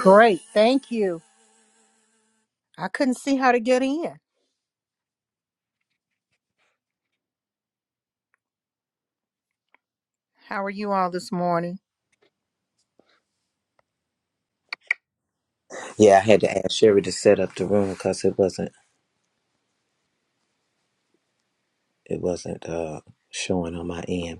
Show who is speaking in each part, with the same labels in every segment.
Speaker 1: Great. Thank you. I couldn't see how to get in. How are you all this morning?
Speaker 2: Yeah, I had to ask Sherry to set up the room because it wasn't it wasn't uh showing on my end.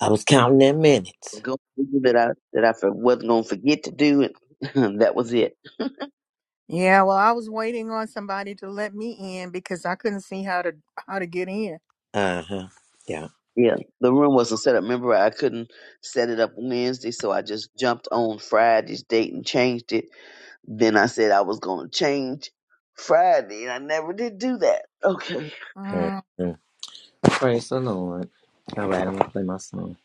Speaker 2: I was counting in minutes.
Speaker 3: Go do that I that I for- wasn't gonna forget to do it. that was it.
Speaker 1: Yeah, well, I was waiting on somebody to let me in because I couldn't see how to how to get in.
Speaker 2: Uh huh. Yeah.
Speaker 3: Yeah, the room wasn't set up. Remember, I couldn't set it up Wednesday, so I just jumped on Friday's date and changed it. Then I said I was gonna change Friday, and I never did do that. Okay,
Speaker 1: Mm,
Speaker 2: Mhm. Praise the Lord. All right, I'm gonna play my song.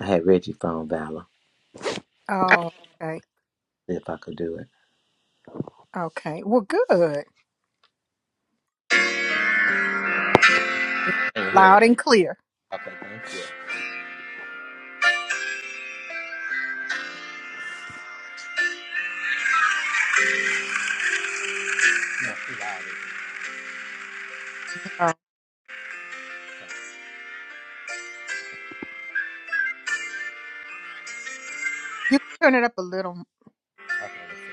Speaker 2: I had Reggie phone Valor.
Speaker 1: oh, okay.
Speaker 2: See if I could do it.
Speaker 1: Okay. Well, good. It's
Speaker 2: Can you hear it?
Speaker 1: loud and clear.
Speaker 2: Okay, thank you. No, too loud.
Speaker 1: Yeah. You can turn it up a little.
Speaker 2: Okay.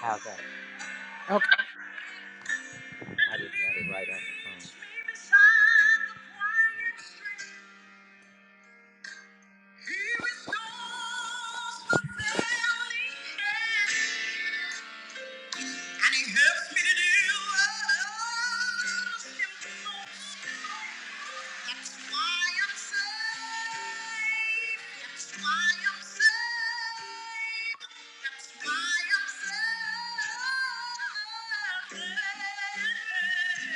Speaker 2: How's that?
Speaker 1: Okay.
Speaker 2: I didn't have it right on. And he helps me to do all him knows. That's why I'm saved. That's why I'm saved. That's why I'm saved. Saved in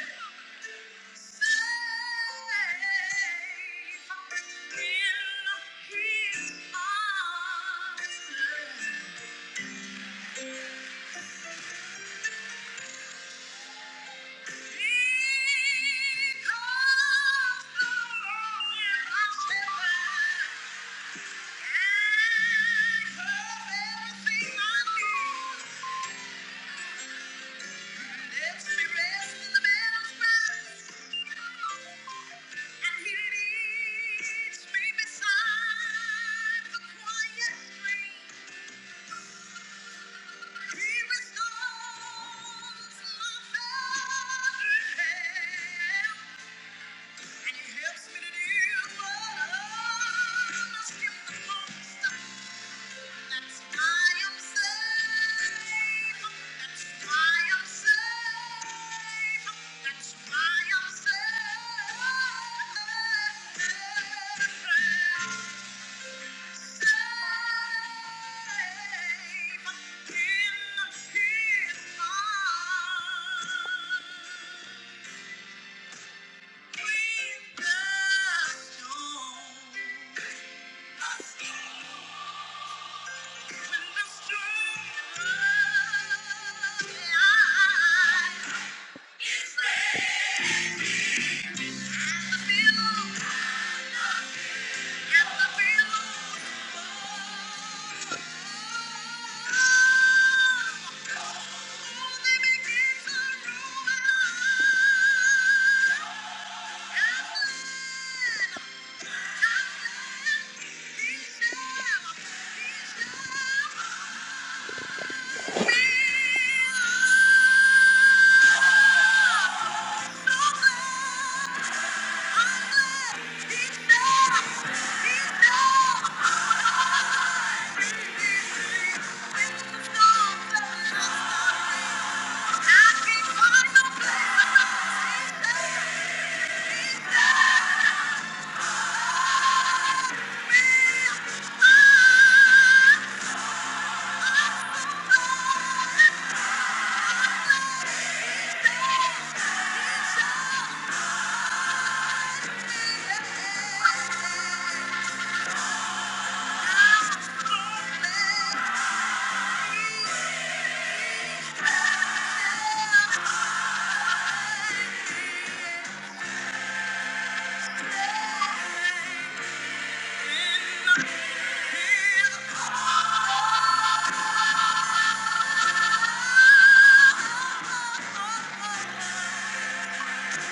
Speaker 2: his arms. He comes along in my yeah. And he helps me to deal what I must give the most. That's why I'm saved. That's why I'm saved. That's why I'm saved. Saved in His arms. Thank you. Yeah.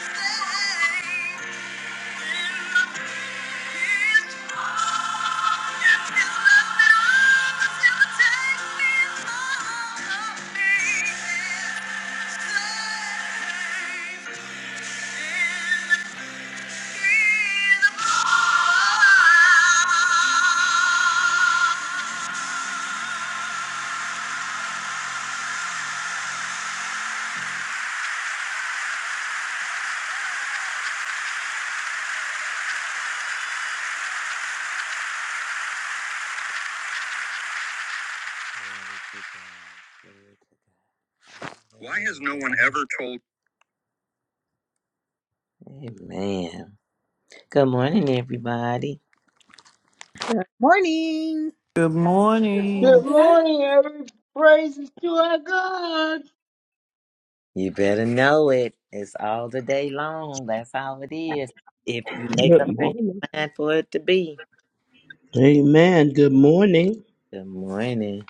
Speaker 2: Thank you. Ever told. Amen. Good morning, everybody.
Speaker 1: Good morning,
Speaker 4: Good morning.
Speaker 5: Good morning, every praises to our God.
Speaker 2: You better know it. It's all the day long. That's how it is. If you make
Speaker 6: Good
Speaker 2: up in
Speaker 6: morning.
Speaker 2: your mind for it to be.
Speaker 6: Amen. Good morning.
Speaker 2: Good morning.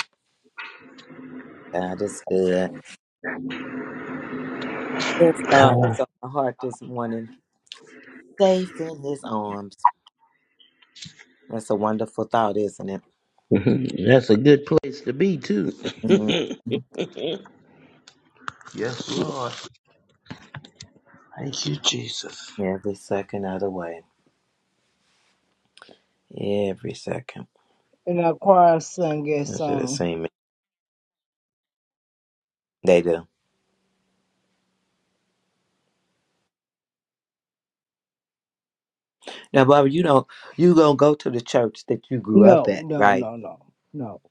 Speaker 2: God is good. This song was
Speaker 6: Ah,
Speaker 2: on my heart this morning. Safe in his arms. That's a wonderful thought, isn't it?
Speaker 6: That's a good place to be, too.
Speaker 2: Mhm.
Speaker 6: yes, Lord. Thank you, Jesus.
Speaker 2: Every second of the way. Every second.
Speaker 5: And our choir sang a
Speaker 2: I should have
Speaker 5: song.
Speaker 2: seen me. They do. Now, Barbara, you know, you gonna go to the church that you grew up
Speaker 5: No,
Speaker 2: at,
Speaker 5: no,
Speaker 2: right?
Speaker 5: no, no, no.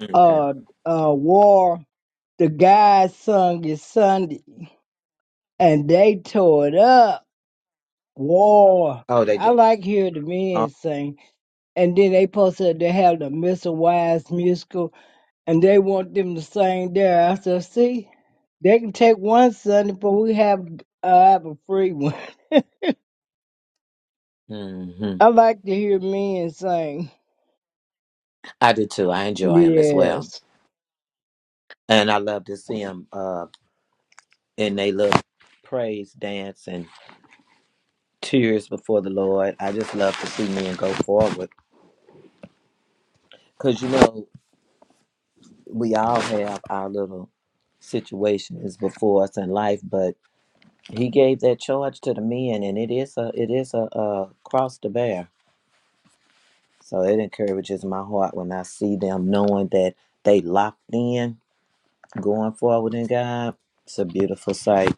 Speaker 2: Okay.
Speaker 5: Uh, uh, War, the guys sung it Sunday, and they tore it up. War.
Speaker 2: Oh, they
Speaker 5: I
Speaker 2: just.
Speaker 5: like hearing the
Speaker 2: Oh.
Speaker 5: men sing. And then they posted they have the Mr. Wise musical, and they want them to sing there. I said, see, they can take one Sunday, but we have, uh, have a free one.
Speaker 2: hmm
Speaker 5: I like to hear men sing.
Speaker 2: I do too. I enjoy them as well.
Speaker 5: Yes.
Speaker 2: And I love to see them uh, in they little praise dance and tears before the Lord. I just love to see men go forward. Because, you know, we all have our little situations before us in life, but he gave that charge to the men, and it is a, it is a, uh cross to bear. So it encourages my heart when I see them knowing that they locked in, going forward in God. It's a beautiful sight.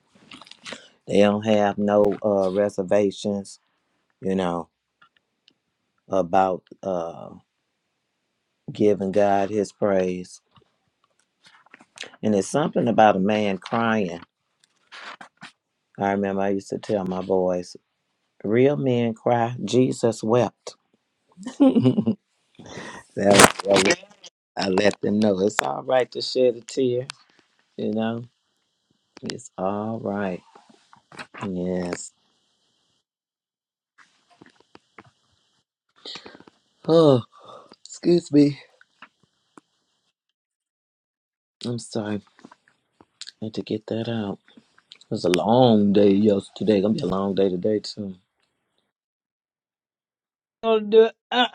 Speaker 2: They don't have no uh, reservations, you know about uh, giving God his praise. And it's something about a man crying. I remember I used to tell my boys, real men cry, Jesus wept. that, was- that was- I let them know it's all right to shed a tear, you know? It's all right. Yes. Oh, excuse me. I'm sorry. I had to get that out. It was a long day yesterday. Gonna be a long day today, too.
Speaker 5: So do, uh, uh,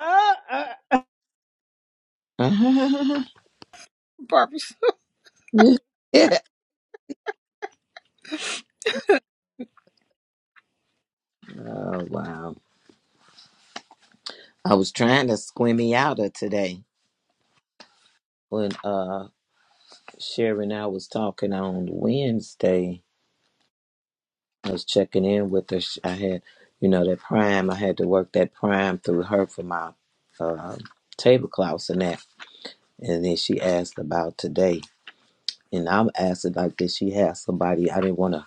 Speaker 5: uh, uh, uh.
Speaker 1: Barbara.
Speaker 2: Yeah. oh, wow. I was trying to squimmy out of today when uh Sherry and I was talking on Wednesday. I was checking in with her. She- I had, you know, that prime. I had to work that prime through her for my uh, tablecloths and that. And then she asked about today, and I'm asking like, did she have somebody? I didn't want to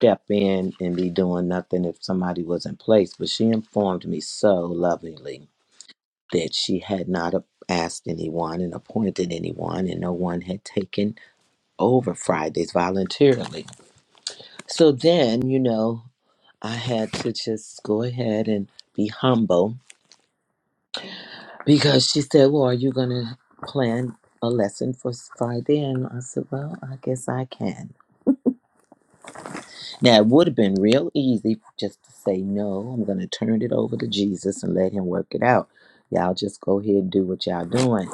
Speaker 2: step in and be doing nothing if somebody was in place, but she informed me so lovingly that she had not asked anyone and appointed anyone, and no one had taken over Fridays voluntarily. So then, you know, I had to just go ahead and be humble because she said, Well, are you going to plan a lesson for Friday? And I said, Well, I guess I can. Now, it would have been real easy just to say, no, I'm going to turn it over to Jesus and let him work it out. Y'all just go ahead and do what y'all doing.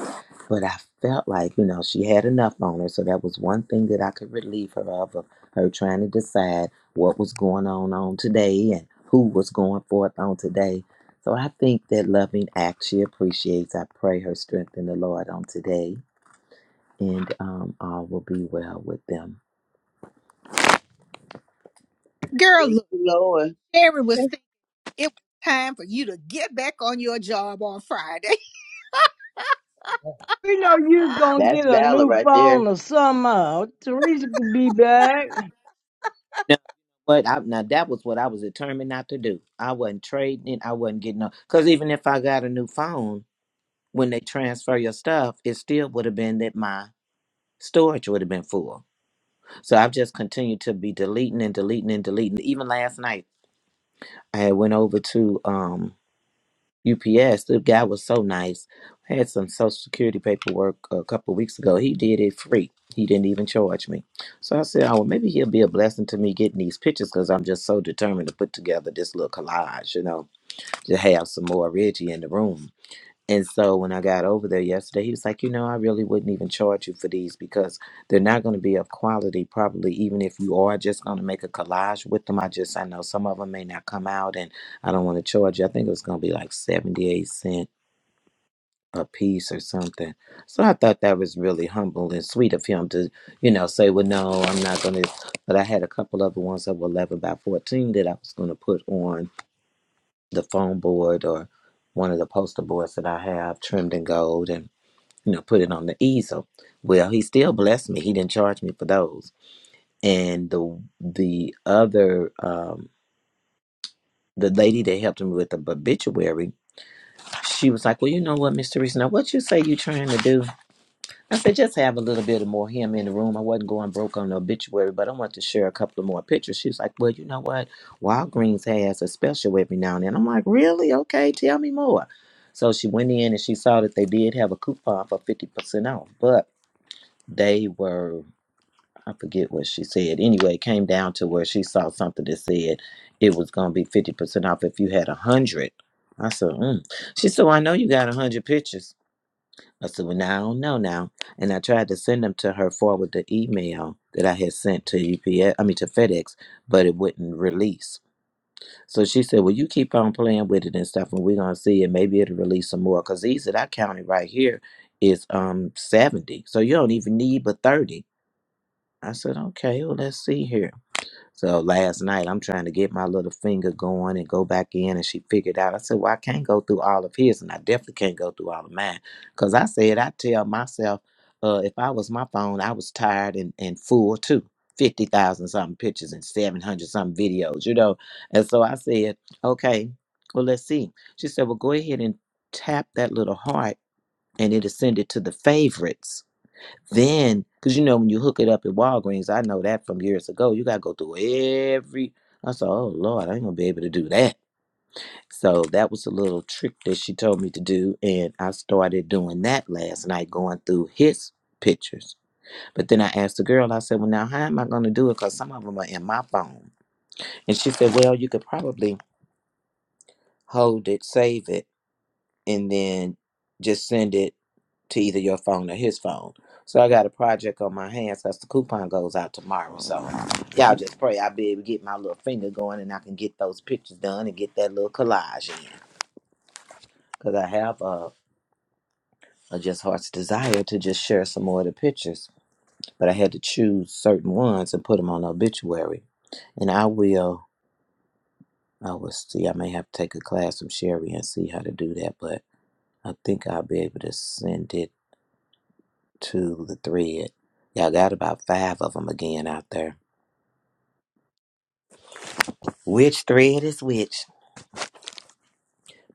Speaker 2: But I felt like, you know, she had enough on her. So that was one thing that I could relieve her of, of her trying to decide what was going on on today and who was going forth on today. So I think that loving act she appreciates. I pray her strength in the Lord on today and um, all will be well with them.
Speaker 1: Girl,
Speaker 3: thank
Speaker 1: look,
Speaker 3: you, Lord.
Speaker 1: Sherry was thinking it was time for you to get back on your job on Friday.
Speaker 5: We know you're going to
Speaker 3: That's
Speaker 5: get a
Speaker 3: valor
Speaker 5: new
Speaker 3: right there.
Speaker 5: phone or somehow. Teresa could be back.
Speaker 2: Now, but I, now that was what I was determined not to do. I wasn't trading it. I wasn't getting up. Because even if I got a new phone, when they transfer your stuff, it still would have been that my storage would have been full. So I've just continued to be deleting and deleting and deleting. Even last night, I had went over to um UPS. The guy was so nice. I had some Social Security paperwork a couple of weeks ago. He did it free. He didn't even charge me. So I said, oh, well, maybe he'll be a blessing to me getting these pictures because I'm just so determined to put together this little collage, you know, to have some more Reggie in the room. And so when I got over there yesterday, he was like, you know, I really wouldn't even charge you for these because they're not going to be of quality, probably, even if you are just going to make a collage with them. I just, I know some of them may not come out and I don't want to charge you. I think it was going to be like 78 cents a piece or something. So I thought that was really humble and sweet of him to, you know, say, well, no, I'm not going to. But I had a couple other ones that were 11 by 14 that I was going to put on the foam board or one of the poster boards that I have trimmed in gold. And you know, put it on the easel. Well, he still blessed me. He didn't charge me for those. And the the other um the lady that helped me with the obituary, she was like, Well, you know what, Mr. Reese, now what you say you trying to do? I said, just have a little bit of more him in the room. I wasn't going broke on the obituary, but I want to share a couple of more pictures. She was like, Well, you know what? Walgreens has a special every now and then. I'm like, Really? Okay, tell me more. So she went in and she saw that they did have a coupon for fifty percent off. But they were I forget what she said. Anyway, it came down to where she saw something that said it was going to be 50% off if you had a 100. I said, mm. She said, well, I know you got a 100 pictures. I said, well, now I don't know now. And I tried to send them to her forward the email that I had sent to UPS, I mean to FedEx, but it wouldn't release. So she said, well, you keep on playing with it and stuff, and we're going to see, and maybe it'll release some more. Because these that I counted right here is um 70. So you don't even need but 30. I said, okay, well, let's see here. So last night I'm trying to get my little finger going and go back in and she figured out. I said, Well, I can't go through all of his and I definitely can't go through all of mine. Cause I said I tell myself, uh, if I was my phone, I was tired and, and full too. Fifty thousand something pictures and seven hundred something videos, you know. And so I said, Okay, well let's see. She said, Well, go ahead and tap that little heart and it'll send it to the favorites. Then, because you know, when you hook it up at Walgreens, I know that from years ago, you got to go through every. I said, oh Lord, I ain't going to be able to do that. So that was a little trick that she told me to do. And I started doing that last night, going through his pictures. But then I asked the girl, I said, well, now how am I going to do it? Because some of them are in my phone. And she said, well, you could probably hold it, save it and then just send it to either your phone or his phone. So I got a project on my hands because the coupon goes out tomorrow. So y'all just pray I be able to get my little finger going and I can get those pictures done and get that little collage in. Because I have a, a just heart's desire to just share some more of the pictures. But I had to choose certain ones and put them on the obituary. And I will, I will see. I may have to take a class from Sherry and see how to do that. But I think I'll be able to send it to the thread. Y'all got about five of them again out there. Which thread is which?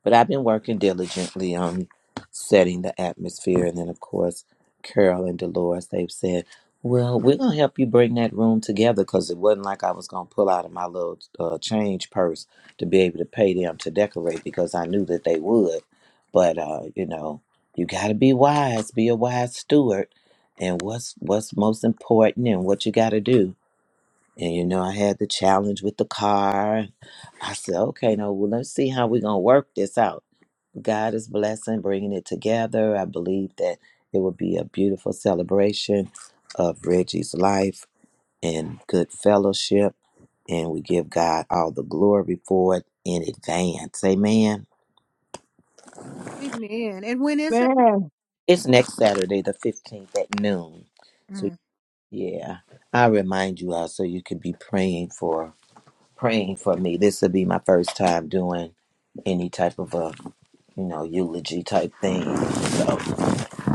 Speaker 2: But I've been working diligently on setting the atmosphere. And then, of course, Carol and Dolores, they've said, well, we're going to help you bring that room together because it wasn't like I was going to pull out of my little uh, change purse to be able to pay them to decorate because I knew that they would. But, uh, you know, you got to be wise, be a wise steward. And what's what's most important and what you got to do And you know, I had the challenge with the car. I said, okay, no, well, let's see how we're gonna work this out. God is blessing, bringing it together. I believe that it will be a beautiful celebration of Reggie's life and good fellowship. And we give God all the glory for it in advance. Amen.
Speaker 1: Amen. And when is it?
Speaker 5: Man,
Speaker 2: It's next Saturday, the 15th at noon. So, yeah, I remind you all so you could be praying for praying for me. This will be my first time doing any type of a you know eulogy type thing. So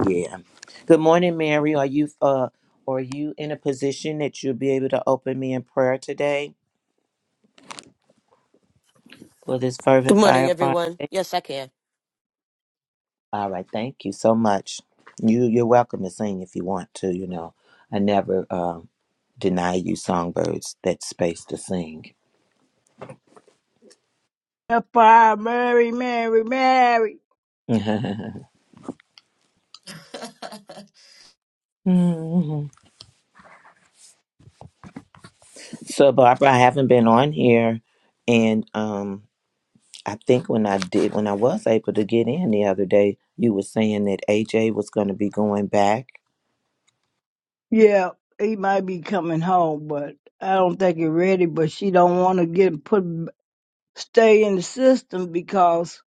Speaker 2: yeah. Good morning, Mary. Are you uh are you in a position that you'll be able to open me in prayer today for this
Speaker 7: Good
Speaker 2: fervent
Speaker 7: morning,
Speaker 2: fire Friday?
Speaker 7: everyone. Yes, I can.
Speaker 2: All right, thank you so much. You you're welcome to sing if you want to. You know, I never um, deny you songbirds that space to sing.
Speaker 5: that fire, Mary, Mary, Mary.
Speaker 2: So Barbara, I haven't been on here, and um, I think when I did, when I was able to get in the other day, you were saying that AJ was going to be going back.
Speaker 5: Yeah, he might be coming home, but I don't think he's ready. But she don't want to get put, stay in the system because,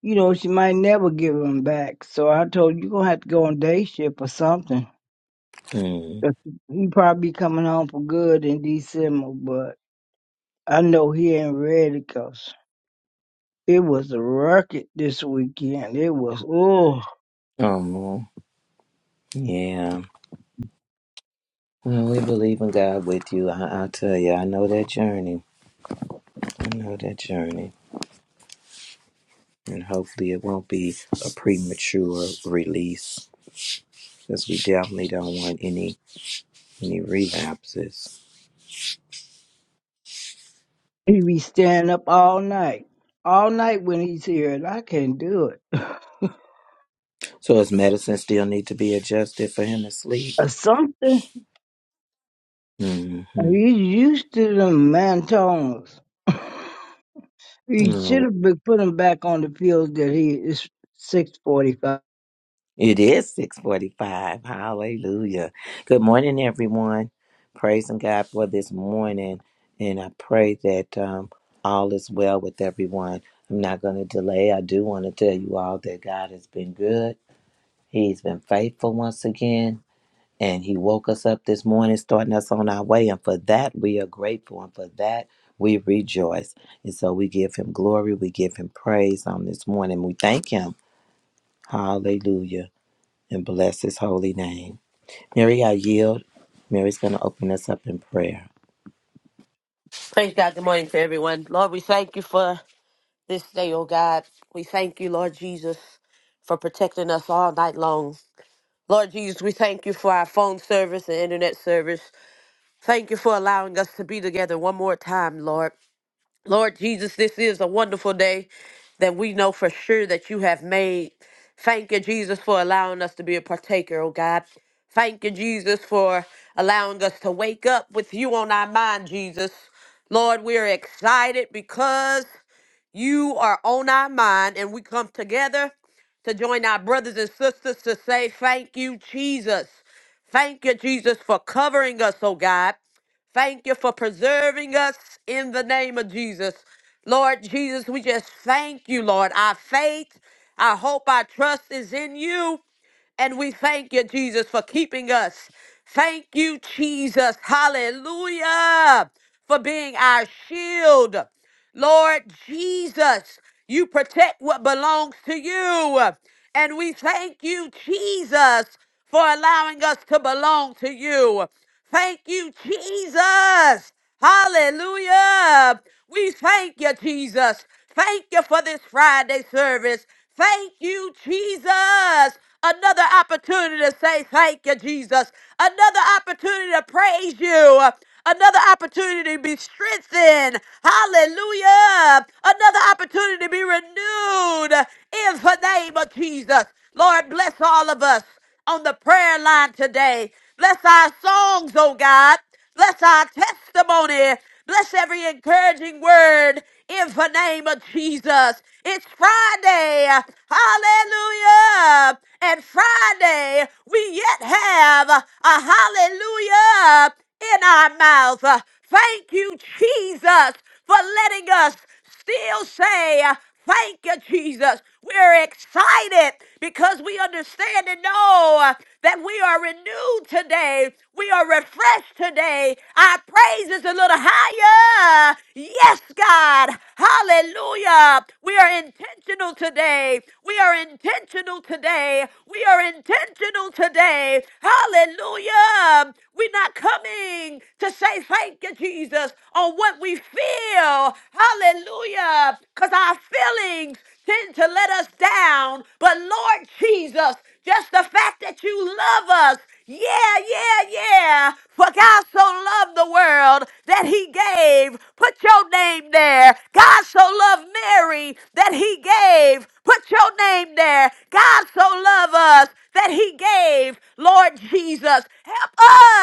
Speaker 5: you know, she might never give him back. So I told her, you going to have to go on day shift or something.
Speaker 2: Mm.
Speaker 5: 'Cause He probably coming home for good in December, but I know he ain't ready 'cause it was a rocket this weekend. It was, oh,
Speaker 2: Oh, yeah. Well, we believe in God with you. I, I tell you, I know that journey. I know that journey, and hopefully, it won't be a premature release, because we definitely don't want any any relapses.
Speaker 5: he be staying up all night. All night when he's here, and I can't do it.
Speaker 2: So, his medicine still need to be adjusted for him to sleep.
Speaker 5: Or something.
Speaker 2: Mm-hmm.
Speaker 5: He's used to them mantones. He should
Speaker 2: Oh,
Speaker 5: have been put him back on the field that he is 645.
Speaker 2: It is 645. Hallelujah. Good morning, everyone. Praising God for this morning. And I pray that um, all is well with everyone. I'm not going to delay. I do want to tell you all that God has been good. He's been faithful once again. And He woke us up this morning, starting us on our way. And for that, we are grateful. And for that, we rejoice. And so we give Him glory. We give Him praise on this morning. We thank Him. Hallelujah. and bless his holy name. Mary, I yield. Mary's going to open us up in prayer.
Speaker 7: Praise God. Good morning to everyone. Lord, we thank you for this day, oh God. We thank you, Lord Jesus, for protecting us all night long. Lord Jesus, we thank you for our phone service and internet service. Thank you for allowing us to be together one more time, Lord. Lord Jesus, this is a wonderful day that we know for sure that you have made. Thank you, Jesus, for allowing us to be a partaker, oh God. Thank you, Jesus, for allowing us to wake up with you on our mind, Jesus. Lord, we're excited because you are on our mind, and we come together to join our brothers and sisters to say, Thank you, Jesus. Thank you, Jesus, for covering us, oh God. Thank you for preserving us in the name of Jesus. Lord Jesus, we just thank you, Lord. Our faith, our hope, our trust is in you. And we thank you, Jesus, for keeping us. Thank you, Jesus. Hallelujah. For being our shield. Lord Jesus, you protect what belongs to you. And we thank you, Jesus, for allowing us to belong to you. Thank you, Jesus. Hallelujah. We thank you, Jesus. Thank you for this Friday service. Thank you, Jesus. Another opportunity to say thank you, Jesus. Another opportunity to praise you. Another opportunity to be strengthened. Hallelujah. Another opportunity to be renewed in the name of Jesus. Lord, bless all of us on the prayer line today. Bless our songs, oh God. Bless our testimony. Bless every encouraging word in the name of Jesus. It's Friday. Hallelujah. And Friday, we yet have a hallelujah in our mouth. Thank you, Jesus, for letting us still say, uh, Thank you, Jesus. We're excited because we understand and know uh, that we are renewed today. We are refreshed today. Our praise is a little higher. Yes, God. Hallelujah. We are intentional today. We are intentional today. We are intentional today. Hallelujah. We're not coming to say thank you, Jesus, on what we feel feel, hallelujah, because our feelings tend to let us down. But Lord Jesus, just the fact that you love us, yeah, yeah, yeah. For God so loved the world that he gave. Put your name there. God so loved Mary that he gave. Put your name there. God so loved us that he gave. Lord Jesus, help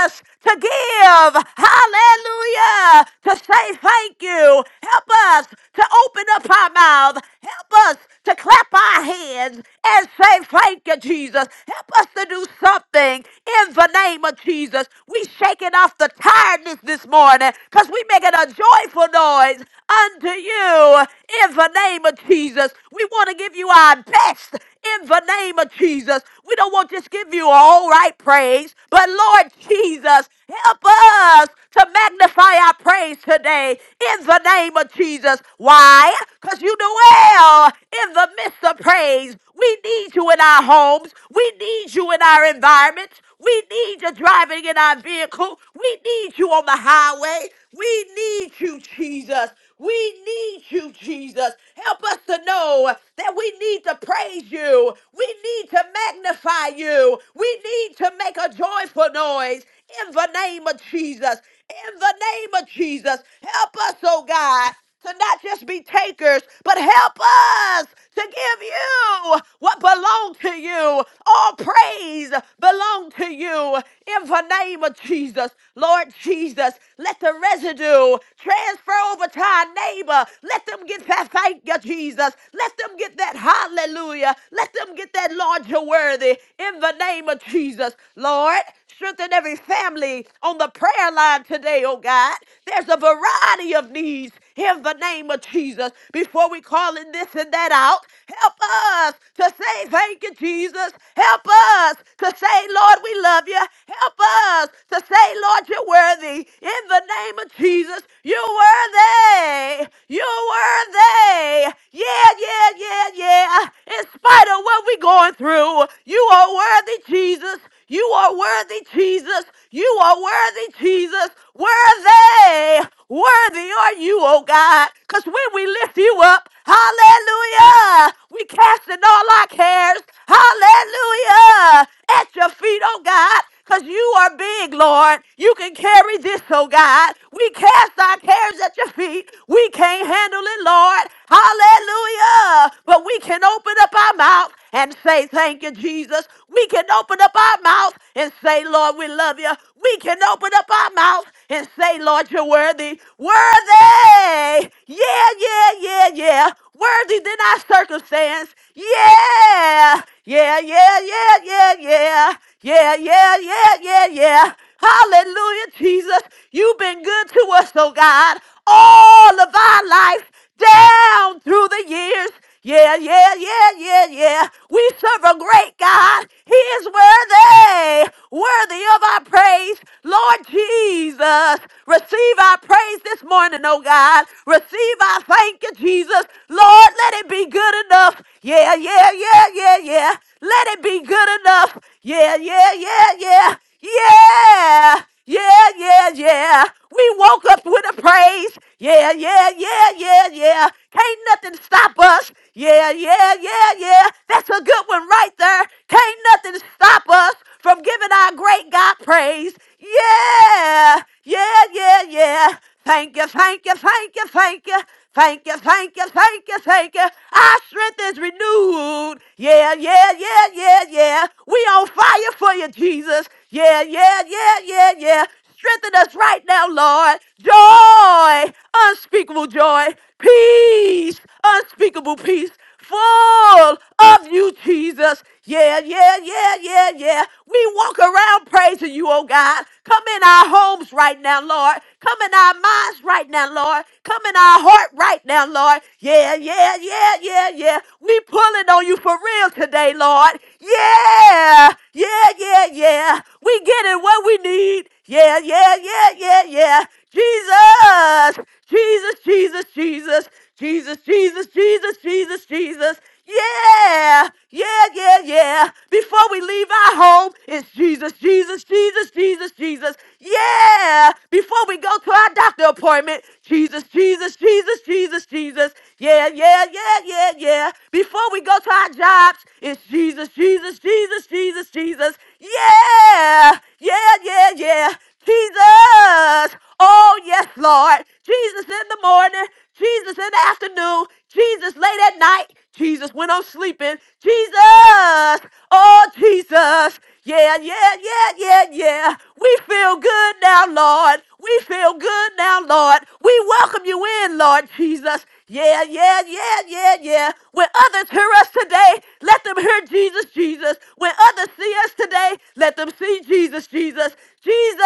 Speaker 7: us to give. Hallelujah to say thank you. Help us to open up our mouth. Help us to clap our hands and say thank you, Jesus. Help us to do something in the name of Jesus. We shaking off the tiredness this morning because we making a joyful noise unto you in the name of Jesus. We want to give you our best in the name of Jesus. We don't want to just give you all right praise, but Lord Jesus, help us to magnify our praise today in the name of Jesus. Why? Because you do well in the midst of praise. We need you in our homes. We need you in our environments. We need you driving in our vehicle. We need you on the highway. We need you, Jesus. We need you, Jesus. Help us to know that we need to praise you. We need to magnify you. We need to make a joyful noise in the name of Jesus in the name of Jesus. Help us, oh God, to not just be takers, but help us to give you what belongs to you. All praise belong to you in the name of Jesus. Lord Jesus, let the residue Transfer over to our neighbor. Let them get that thank you, Jesus. Let them get that hallelujah. Let them get that Lord, you're worthy in the name of Jesus. Lord, strengthen every family on the prayer line today, oh God. There's a variety of needs in the name of Jesus. Before we calling this and that out, help us to say thank you, Jesus. Help us to say, Lord, we love you. Help us to say, Lord, you're worthy in the name of Jesus. Jesus. You were they. You were they. Yeah, yeah, yeah, yeah. In spite of what we're going through, you are worthy, Jesus. You are worthy, Jesus. You are worthy, Jesus. Worthy. Worthy are you, oh God. Because when we lift you up, hallelujah, we casting all our cares, hallelujah, at your feet, oh God. Because you are big, Lord. You can carry this, oh God. We cast our cares at your feet. We can't handle it, Lord. Hallelujah. But we can open up our mouth and say, Thank you, Jesus. We can open up our mouth and say, Lord, we love you. We can open up our mouth and say, Lord, you're worthy. Worthy. Yeah, yeah, yeah, yeah. Worthy than our circumstance. Yeah. Yeah, yeah, yeah, yeah, yeah. Yeah, yeah, yeah, yeah, yeah. Hallelujah, Jesus. You've been good to us, oh God, all of our life down through the years. Yeah, yeah, yeah, yeah, yeah. We serve a great God. He is worthy, worthy of our praise. Lord Jesus, receive our praise this morning, oh God. Receive our thank you, Jesus. Lord, let it be good enough. Yeah, yeah, yeah, yeah, yeah. Let it be good enough. Yeah, yeah, yeah, yeah. Yeah. Yeah, yeah, yeah. We woke up with a praise. Yeah, yeah, yeah, yeah, yeah. Can't nothing stop us. Yeah, yeah, yeah, yeah. That's a good one right there. Can't nothing stop us from giving our great God praise. Yeah, yeah, yeah, yeah. Thank you, thank you, thank you, thank you. Thank you, thank you, thank you, thank you. Our strength is renewed. Yeah, yeah, yeah, yeah, yeah. We on fire for you, Jesus. Yeah, yeah, yeah, yeah, yeah. Strengthen us right now, Lord. Joy, unspeakable joy. Peace, unspeakable peace full of you, Jesus. Yeah, yeah, yeah, yeah, yeah. We walk around praising you, oh God. Come in our homes right now, Lord. Come in our minds right now, Lord. Come in our heart right now, Lord. Yeah, yeah, yeah, yeah, yeah. We pulling on you for real today, Lord. Yeah. Yeah, yeah, yeah. We getting what we need. Yeah, yeah, yeah, yeah, yeah. Jesus, Jesus, Jesus, Jesus, Jesus, Jesus, Jesus, Jesus, Jesus. Yeah, yeah, yeah, yeah. Before we leave our home, it's Jesus, Jesus, Jesus, Jesus, Jesus. Yeah. Before we go to our doctor appointment, Jesus, Jesus, Jesus, Jesus, Jesus. Yeah, yeah, yeah, yeah, yeah. Before we go to our jobs, it's Jesus, Jesus, Jesus, Jesus. Jesus. Jesus. Yeah, yeah, yeah, yeah. Jesus. Oh, yes, Lord. Jesus in the morning, Jesus in the afternoon, Jesus late at night, Jesus when I'm sleeping, Jesus. Oh, Jesus. Yeah, yeah, yeah, yeah, yeah. We feel good now, Lord. We feel good now, Lord. We welcome you in, Lord Jesus. Yeah, yeah, yeah, yeah, yeah. When others hear us today, let them hear Jesus, Jesus. When others see us today, let them see Jesus, Jesus, Jesus.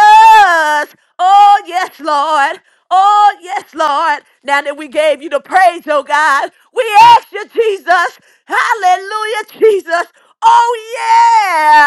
Speaker 7: Oh, yes, Lord. Oh, yes, Lord. Now that we gave you the praise, oh God, we ask you, Jesus. Hallelujah, Jesus. Oh,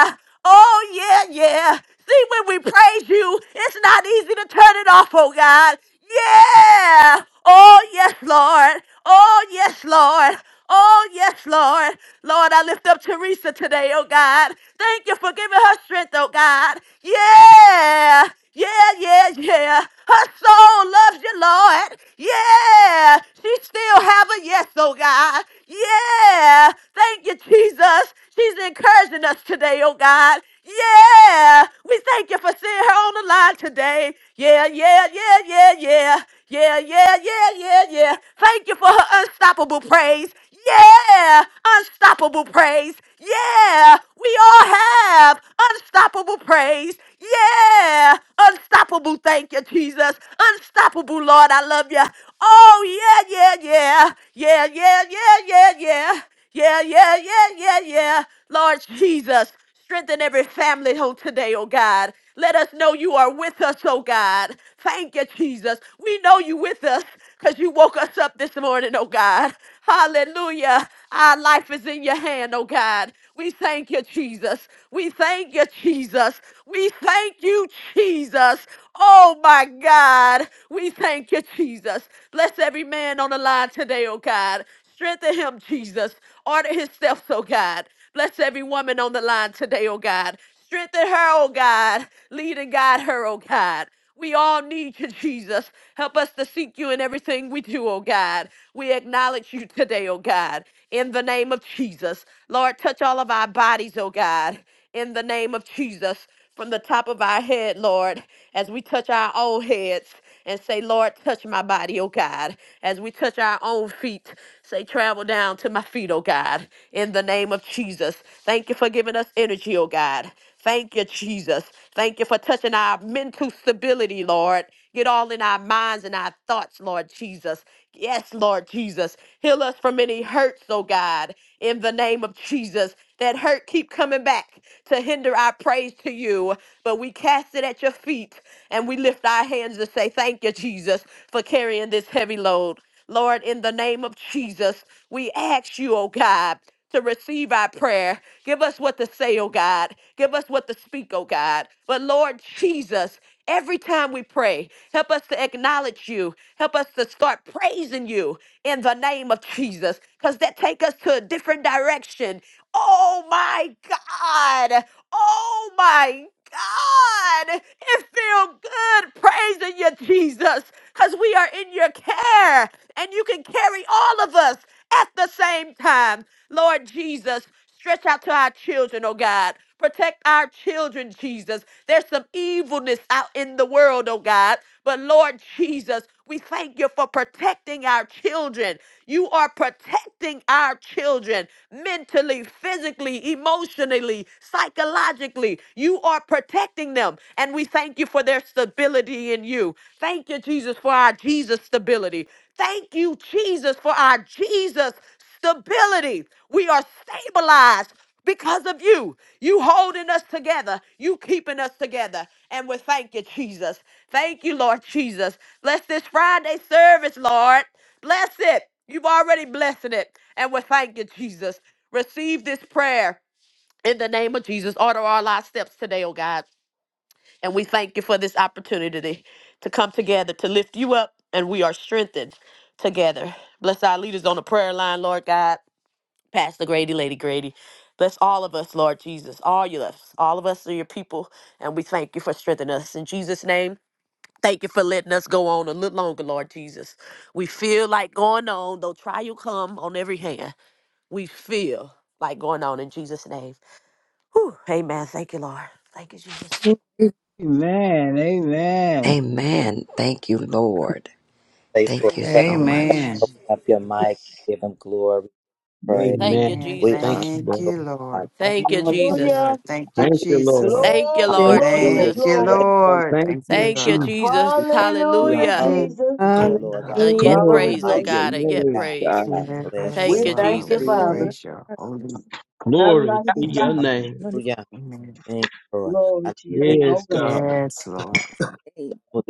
Speaker 7: yeah. Oh, yeah, yeah. See, when we praise you, it's not easy to turn it off, oh God. Yeah. Oh, yes, Lord. Oh, yes, Lord. Oh, yes, Lord. Lord, I lift up Teresa today, oh God. Thank you for giving her strength, oh God. Yeah. Yeah, yeah, yeah. Her soul loves you, Lord. Yeah. She still have a yes, oh God. Yeah. Thank you, Jesus. She's encouraging us today, oh God. Yeah. We thank you for seeing her on the line today. Yeah, yeah, yeah, yeah, yeah. Yeah, yeah, yeah, yeah, yeah. Thank you for her unstoppable praise. Yeah, unstoppable praise. Yeah, we all have unstoppable praise. Yeah, unstoppable. Thank you, Jesus. Unstoppable, Lord. I love you. Oh, yeah, yeah, yeah. Yeah, yeah, yeah, yeah, yeah. Yeah, yeah, yeah, yeah, yeah. Lord Jesus. Strengthen every family oh, today, oh God. Let us know you are with us, oh God. Thank you, Jesus. We know you with us because you woke us up this morning, oh God. Hallelujah. Our life is in your hand, oh God. We thank you, Jesus. We thank you, Jesus. We thank you, Jesus. Oh my God. We thank you, Jesus. Bless every man on the line today, oh God. Strengthen him, Jesus. Order his steps, oh God. Bless every woman on the line today, oh God. Strengthen her, oh God. Lead and guide her, oh God. We all need you, Jesus. Help us to seek you in everything we do, oh God. We acknowledge you today, oh God, in the name of Jesus. Lord, touch all of our bodies, oh God, in the name of Jesus, from the top of our head, Lord, as we touch our own heads and say, Lord, touch my body, oh God. As we touch our own feet, say, travel down to my feet, oh God, in the name of Jesus. Thank you for giving us energy, oh God. Thank you, Jesus. Thank you for touching our mental stability, Lord. Get all in our minds and our thoughts, Lord Jesus. Yes, Lord Jesus. Heal us from any hurts, oh God, in the name of Jesus. That hurt keep coming back to hinder our praise to you, but we cast it at your feet and we lift our hands to say thank you Jesus for carrying this heavy load. Lord, in the name of Jesus, we ask you, oh God, to receive our prayer. Give us what to say, oh God. Give us what to speak, oh God. But Lord Jesus, every time we pray, help us to acknowledge you. Help us to start praising you in the name of Jesus, because that take us to a different direction Oh my God. Oh my God. It feels good praising you, Jesus, because we are in your care and you can carry all of us at the same time. Lord Jesus, Stretch out to our children, oh God. Protect our children, Jesus. There's some evilness out in the world, oh God. But Lord Jesus, we thank you for protecting our children. You are protecting our children mentally, physically, emotionally, psychologically. You are protecting them. And we thank you for their stability in you. Thank you, Jesus, for our Jesus stability. Thank you, Jesus, for our Jesus stability. We are stabilized because of you. You holding us together. You keeping us together. And we thank you, Jesus. Thank you, Lord Jesus. Bless this Friday service, Lord. Bless it. You've already blessed it. And we thank you, Jesus. Receive this prayer in the name of Jesus. Order all our steps today, oh God. And we thank you for this opportunity to come together to lift you up, and we are strengthened together. Bless our leaders on the prayer line, Lord God. Pastor Grady, Lady Grady. Bless all of us, Lord Jesus. All you us. All of us are your people. And we thank you for strengthening us. In Jesus' name, thank you for letting us go on a little longer, Lord Jesus. We feel like going on, though trial come on every hand. We feel like going on in Jesus' name. Whew, amen. Thank you, Lord. Thank you, Jesus.
Speaker 1: Mm.
Speaker 5: Amen, amen.
Speaker 8: Amen. Thank you, Lord.
Speaker 2: Place for
Speaker 8: Thank you
Speaker 2: prayer.
Speaker 8: so much.
Speaker 4: Amen.
Speaker 2: Open
Speaker 9: Amen.
Speaker 2: up your
Speaker 9: Amen.
Speaker 2: mic. Give him glory. Pray.
Speaker 7: Thank you,
Speaker 6: Amen.
Speaker 9: Amen.
Speaker 2: We
Speaker 7: Jesus.
Speaker 2: honor
Speaker 6: Thank you,
Speaker 9: Thank
Speaker 6: Lord.
Speaker 2: you, Lord
Speaker 9: you,
Speaker 2: God.
Speaker 9: Lord. Thank
Speaker 7: Thank you,
Speaker 1: Lord.
Speaker 9: you,
Speaker 7: Jesus.
Speaker 3: Hallelujah.
Speaker 9: Lord. Thank you,
Speaker 6: Thank you,
Speaker 9: Jesus.
Speaker 6: Lord.
Speaker 7: Thank you,
Speaker 3: Glory,
Speaker 1: Thank
Speaker 7: Lord
Speaker 1: you,
Speaker 3: glory,
Speaker 1: Lord.
Speaker 2: Hallelujah. We
Speaker 7: Jesus.
Speaker 9: Thank you,
Speaker 3: glory.
Speaker 2: bless your name.
Speaker 9: Lord.
Speaker 6: Thank
Speaker 9: Thank
Speaker 6: you,
Speaker 9: you,
Speaker 7: Thank you,
Speaker 6: Jesus.
Speaker 9: Lord.
Speaker 7: Jesus.
Speaker 2: We thank you.
Speaker 3: Hallelujah,
Speaker 7: Hallelujah.
Speaker 2: Hallelujah,
Speaker 9: Mm.
Speaker 3: Jesus.
Speaker 9: Thank you,
Speaker 2: Lord God.
Speaker 7: A
Speaker 9: Lord.
Speaker 7: yet
Speaker 1: Hallelujah.
Speaker 3: Father,
Speaker 6: Glory
Speaker 3: we
Speaker 7: praise, oh
Speaker 6: to
Speaker 2: Like
Speaker 3: bless
Speaker 6: your
Speaker 7: God,
Speaker 3: you.
Speaker 7: a yet
Speaker 6: name,
Speaker 2: God.
Speaker 7: praise.
Speaker 6: God.
Speaker 1: Yes,
Speaker 2: Bless your
Speaker 7: Thank
Speaker 3: We
Speaker 9: Yes,
Speaker 7: you,
Speaker 3: thank
Speaker 9: Lord.
Speaker 3: you,
Speaker 9: We
Speaker 7: Jesus.
Speaker 2: name.
Speaker 1: Lord.
Speaker 3: Father.
Speaker 9: praise your
Speaker 1: I
Speaker 9: holy name.
Speaker 3: None
Speaker 6: Glory
Speaker 3: like
Speaker 6: to
Speaker 1: give
Speaker 3: you,
Speaker 1: you the
Speaker 6: your
Speaker 3: Jesus.
Speaker 9: Amen.
Speaker 6: name.
Speaker 1: honor and
Speaker 2: Hallelujah.
Speaker 9: Amen.
Speaker 2: Thank you, Lord.
Speaker 3: Glory
Speaker 2: I
Speaker 3: to your name,
Speaker 6: Yes,
Speaker 3: oh God.
Speaker 6: God.
Speaker 9: Yes, Lord.
Speaker 1: praise.
Speaker 2: Well,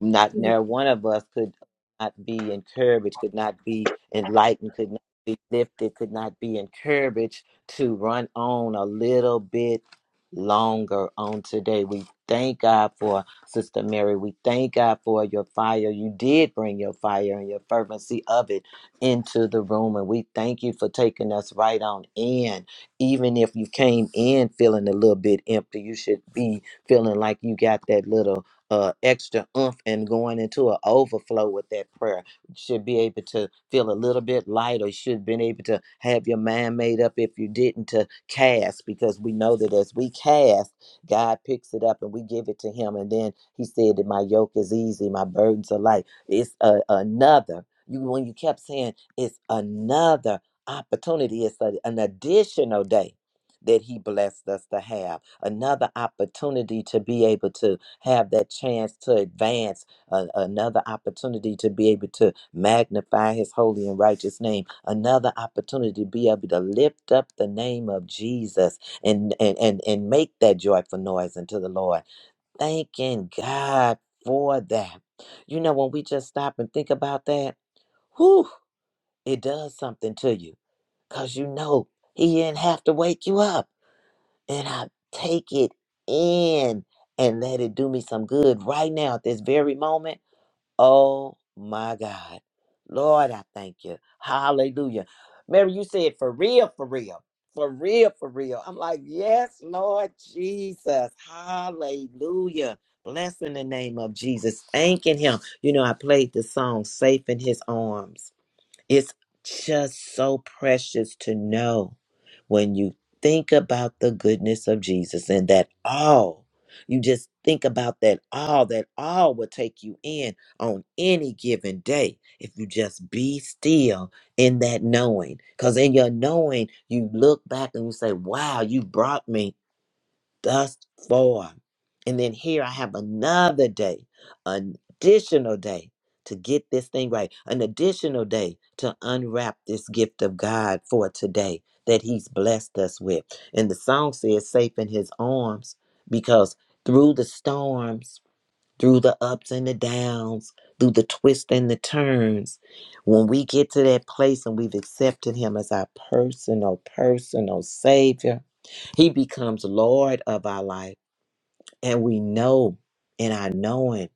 Speaker 2: not
Speaker 1: Hallelujah.
Speaker 2: nary one of us could not be encouraged, could not be enlightened, could not be lifted, could not be encouraged to run on a little bit longer on today. We thank God for Sister Mary. We thank God for your fire. You did bring your fire and your fervency of it into the room. And we thank you for taking us right on in. Even if you came in feeling a little bit empty, you should be feeling like you got that little uh, extra oomph and going into an overflow with that prayer. You Should be able to feel a little bit lighter. You Should have been able to have your mind made up if you didn't to cast, because we know that as we cast, God picks it up and we give it to Him. And then He said that my yoke is easy, my burdens are light. It's a, another. You when you kept saying it's another opportunity. It's a, an additional day that He blessed us to have another opportunity to be able to have that chance to advance, a- another opportunity to be able to magnify his holy and righteous name, another opportunity to be able to lift up the name of Jesus and and and, and make that joyful noise unto the Lord. Thanking God for that. You know, when we just stop and think about that, whew, it does something to you because you know he didn't have to wake you up then I take it in and let it do me some good right now at this very moment. Oh my God. Lord, I thank you. Hallelujah. Mary, you said for real, for real, for real, for real. I'm like, yes, Lord Jesus. Hallelujah. Blessing the name of Jesus. Thanking him. You know, I played the song Safe in His Arms it's just so precious to know when you think about the goodness of Jesus and that all, you just think about that all, that all will take you in on any given day if you just be still in that knowing. Because in your knowing, you look back and you say, Wow, you brought me thus far. And then here I have another day, an additional day to get this thing right, an additional day to unwrap this gift of God for today that He's blessed us with. And the song says, Safe in His arms, because through the storms, through the ups and the downs, through the twists and the turns, when we get to that place and we've accepted Him as our personal, personal Savior he becomes Lord of our life. And we know in our knowing,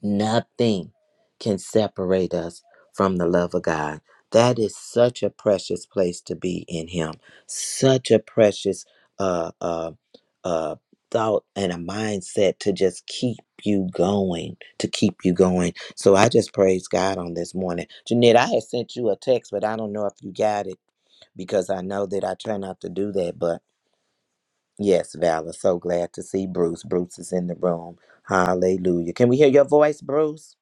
Speaker 2: nothing can separate us from the love of God. That is such a precious place to be in Him, such a precious uh, uh, uh, thought and a mindset to just keep you going, to keep you going. So I just praise God on this morning. Jeanette, I had sent you a text, but I don't know if you got it because I know that I try not to do that. But Yes, Vala. So glad to see Bruce. Bruce is in the room. Hallelujah. Can we hear your voice, Bruce?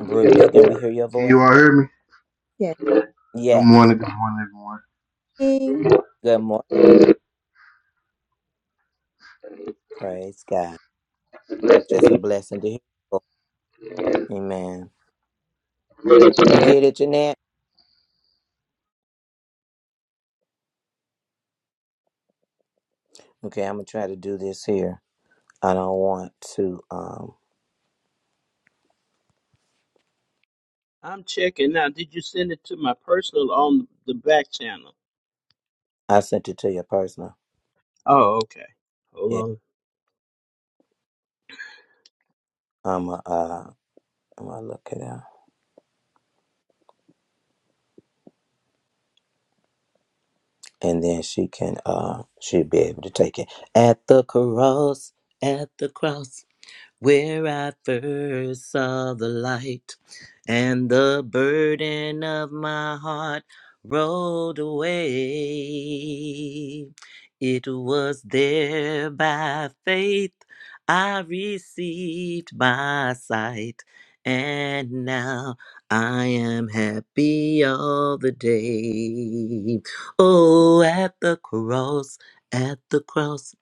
Speaker 2: Bruce, can we hear?
Speaker 10: Can you all hear me?
Speaker 1: Yes.
Speaker 10: Good
Speaker 2: Yes.
Speaker 10: morning, good morning, everyone.
Speaker 2: Good morning. Praise God. Just a blessing. Amen. You get it, Jeanette? Okay, I'm going to try to do this here. I don't want to. um
Speaker 6: I'm checking now. Did you send it to my personal on the back channel?
Speaker 2: I sent it to your personal.
Speaker 6: Oh, okay. Hold
Speaker 2: Yeah,
Speaker 6: on.
Speaker 2: I'm going uh, I'm going to look it up. And then she can, uh she'll be able to take it. At the cross, at the cross. where I first saw the light, and the burden of my heart rolled away. It was there by faith I received my sight, and now I am happy all the day. Oh, at the cross, at the cross,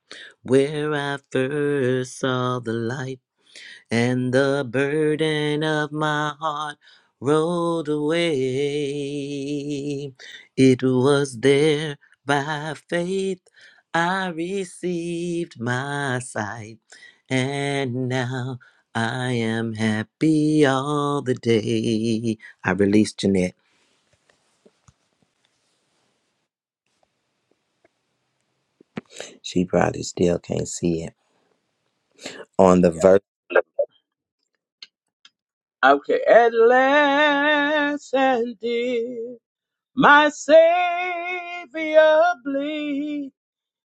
Speaker 2: where I first saw the light and the burden of my heart rolled away. It was there by faith I received my sight, and now I am happy all the day. I released Jeanette. She probably still can't see it on the
Speaker 6: Yeah.
Speaker 2: verse.
Speaker 6: Okay. At last and dear. my Savior bleed,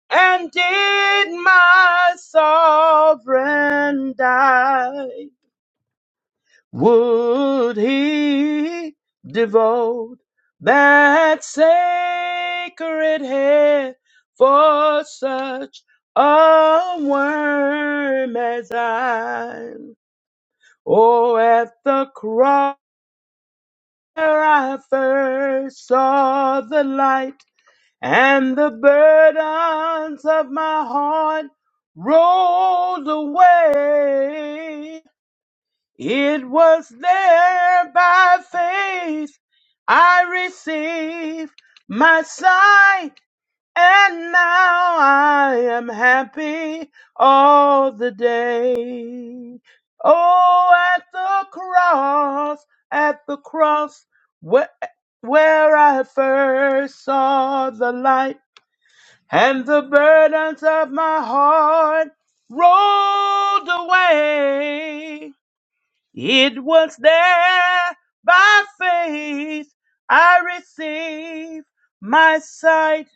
Speaker 6: and did my sovereign die? Would he devote that sacred head for such a worm as I? Oh, at the cross where I first saw the light. and the burdens of my heart rolled away. It was there by faith I received my sight, and now I am happy all the day. Oh, at the cross, at the cross, where, where I first saw the light and the burdens of my heart rolled away. It was there by faith I received my sight,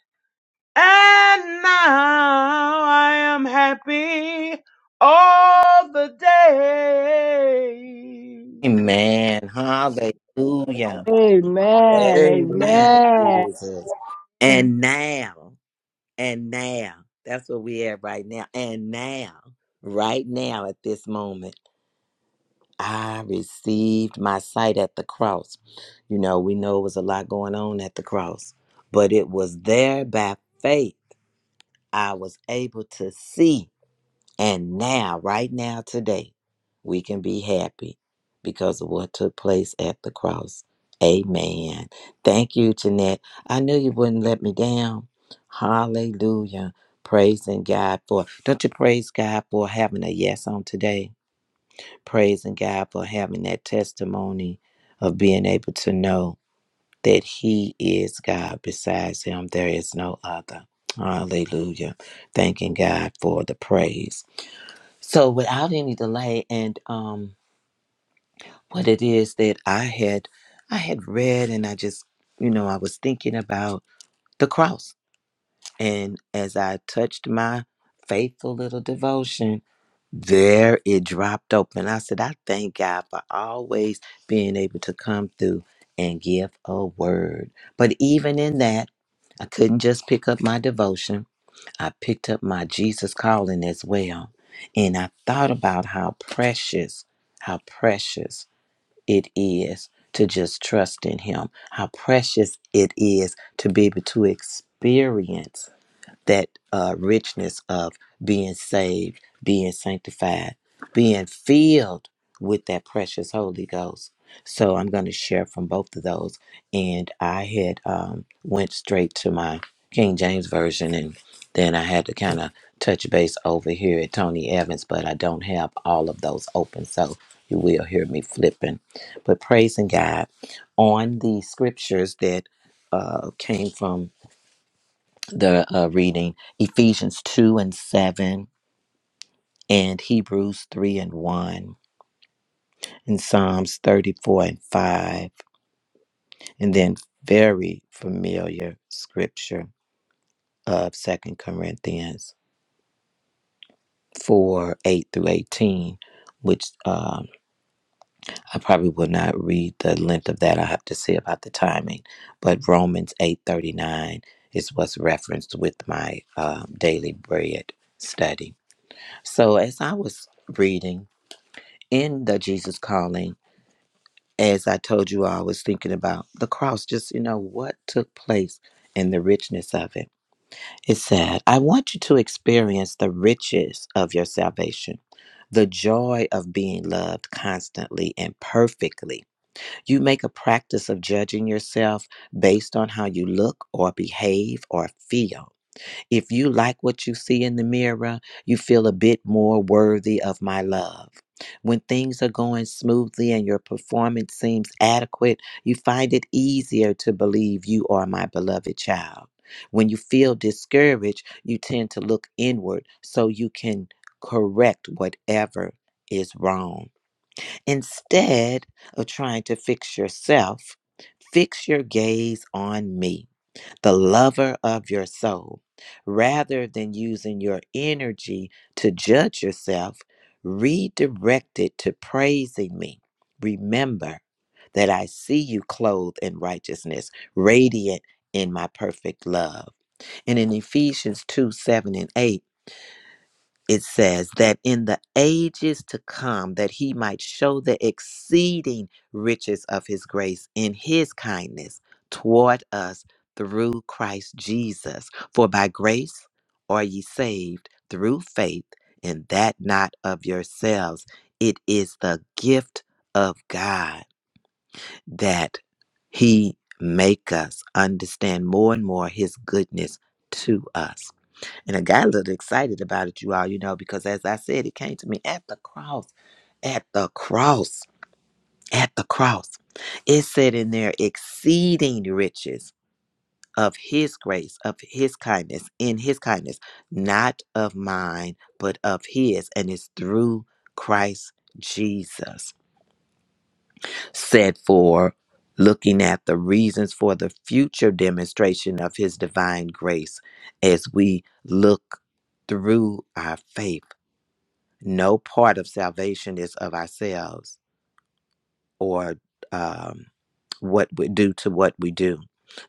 Speaker 6: and now I am happy all the day.
Speaker 2: Amen. Hallelujah.
Speaker 5: Amen,
Speaker 2: Bless the name,
Speaker 6: Amen.
Speaker 5: amen.
Speaker 2: Jesus.
Speaker 1: Amen.
Speaker 2: And now. and now. That's where we at right now. And now, right now at this moment, I received my sight at the cross. You know, we know it was a lot going on at the cross, but it was there by faith I was able to see and now, right now, today, we can be happy because of what took place at the cross. Amen. Thank you, Jeanette. I knew you wouldn't let me down. Hallelujah. Praising God for, don't you praise God for having a yes on today? Praising God for having that testimony of being able to know that He is God. Besides Him, there is no other. Hallelujah. Thanking God for the praise. So without any delay, and um, what it is that I had, I had read, and I just, you know, I was thinking about the cross, and as I touched my faithful little devotion, there it dropped open. I said, I thank God for always being able to come through and give a word. But even in that, I couldn't just pick up my devotion. I picked up my Jesus calling as well. And I thought about how precious, how precious it is to just trust in Him, how precious it is to be able to experience that uh, richness of being saved, being sanctified, being filled with that precious Holy Ghost. So I'm going to share from both of those, and I had um, went straight to my King James version, and then I had to kind of touch base over here at Tony Evans, but I don't have all of those open, so you will hear me flipping. But praising God on the scriptures that uh, came from the uh, reading Ephesians 2 and 7, and Hebrews 3 and 1, and Psalms 34 and 5, and then very familiar scripture of Second Corinthians 4 8 through 18, which um, I probably will not read the length of that. I have to see about the timing, but Romans 8 39 is what's referenced with my um, daily bread study. So as I was reading, in the Jesus calling, as I told you, I was thinking about the cross, just, you know, what took place and the richness of it. It said, I want you to experience the riches of your salvation, the joy of being loved constantly and perfectly. You make a practice of judging yourself based on how you look or behave or feel. If you like what you see in the mirror, you feel a bit more worthy of my love. When things are going smoothly and your performance seems adequate, you find it easier to believe you are my beloved child. When you feel discouraged, you tend to look inward so you can correct whatever is wrong. Instead of trying to fix yourself, fix your gaze on me the lover of your soul. Rather than using your energy to judge yourself, redirect it to praising me. Remember that I see you clothed in righteousness, radiant in my perfect love. And in Ephesians 2 7 and 8, it says that in the ages to come that he might show the exceeding riches of his grace in his kindness toward us through Christ Jesus for by grace are ye saved through faith and that not of yourselves it is the gift of God that he make us understand more and more his goodness to us and I got a little excited about it, you all, you know, because as I said, it came to me at the cross, at the cross, at the cross. It said in there, exceeding riches of his grace, of his kindness, in his kindness, not of mine, but of his. And it's through Christ Jesus. Said for looking at the reasons for the future demonstration of his divine grace as we look through our faith No part of salvation is of ourselves or um, what we do to what we do.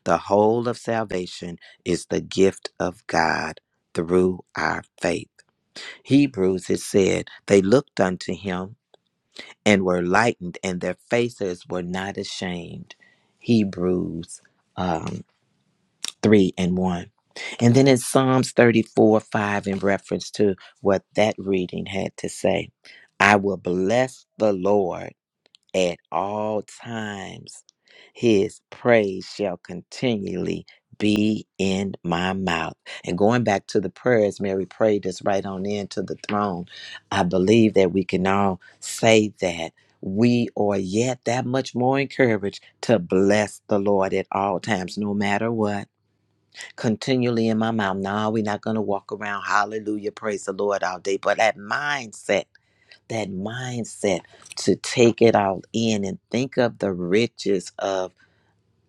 Speaker 2: The whole of salvation is the gift of God through our faith. Hebrews, it said, they looked unto him and were lightened, and their faces were not ashamed. Hebrews um, 3 and 1. And then in Psalms 34 5, in reference to what that reading had to say, I will bless the Lord at all times. His praise shall continually be in my mouth. And going back to the prayers Mary prayed us right on into the throne, I believe that we can all say that we are yet that much more encouraged to bless the Lord at all times, no matter what continually in my mouth. Nah, we're not going to walk around. Hallelujah. Praise the Lord all day. But that mindset, that mindset to take it all in and think of the riches of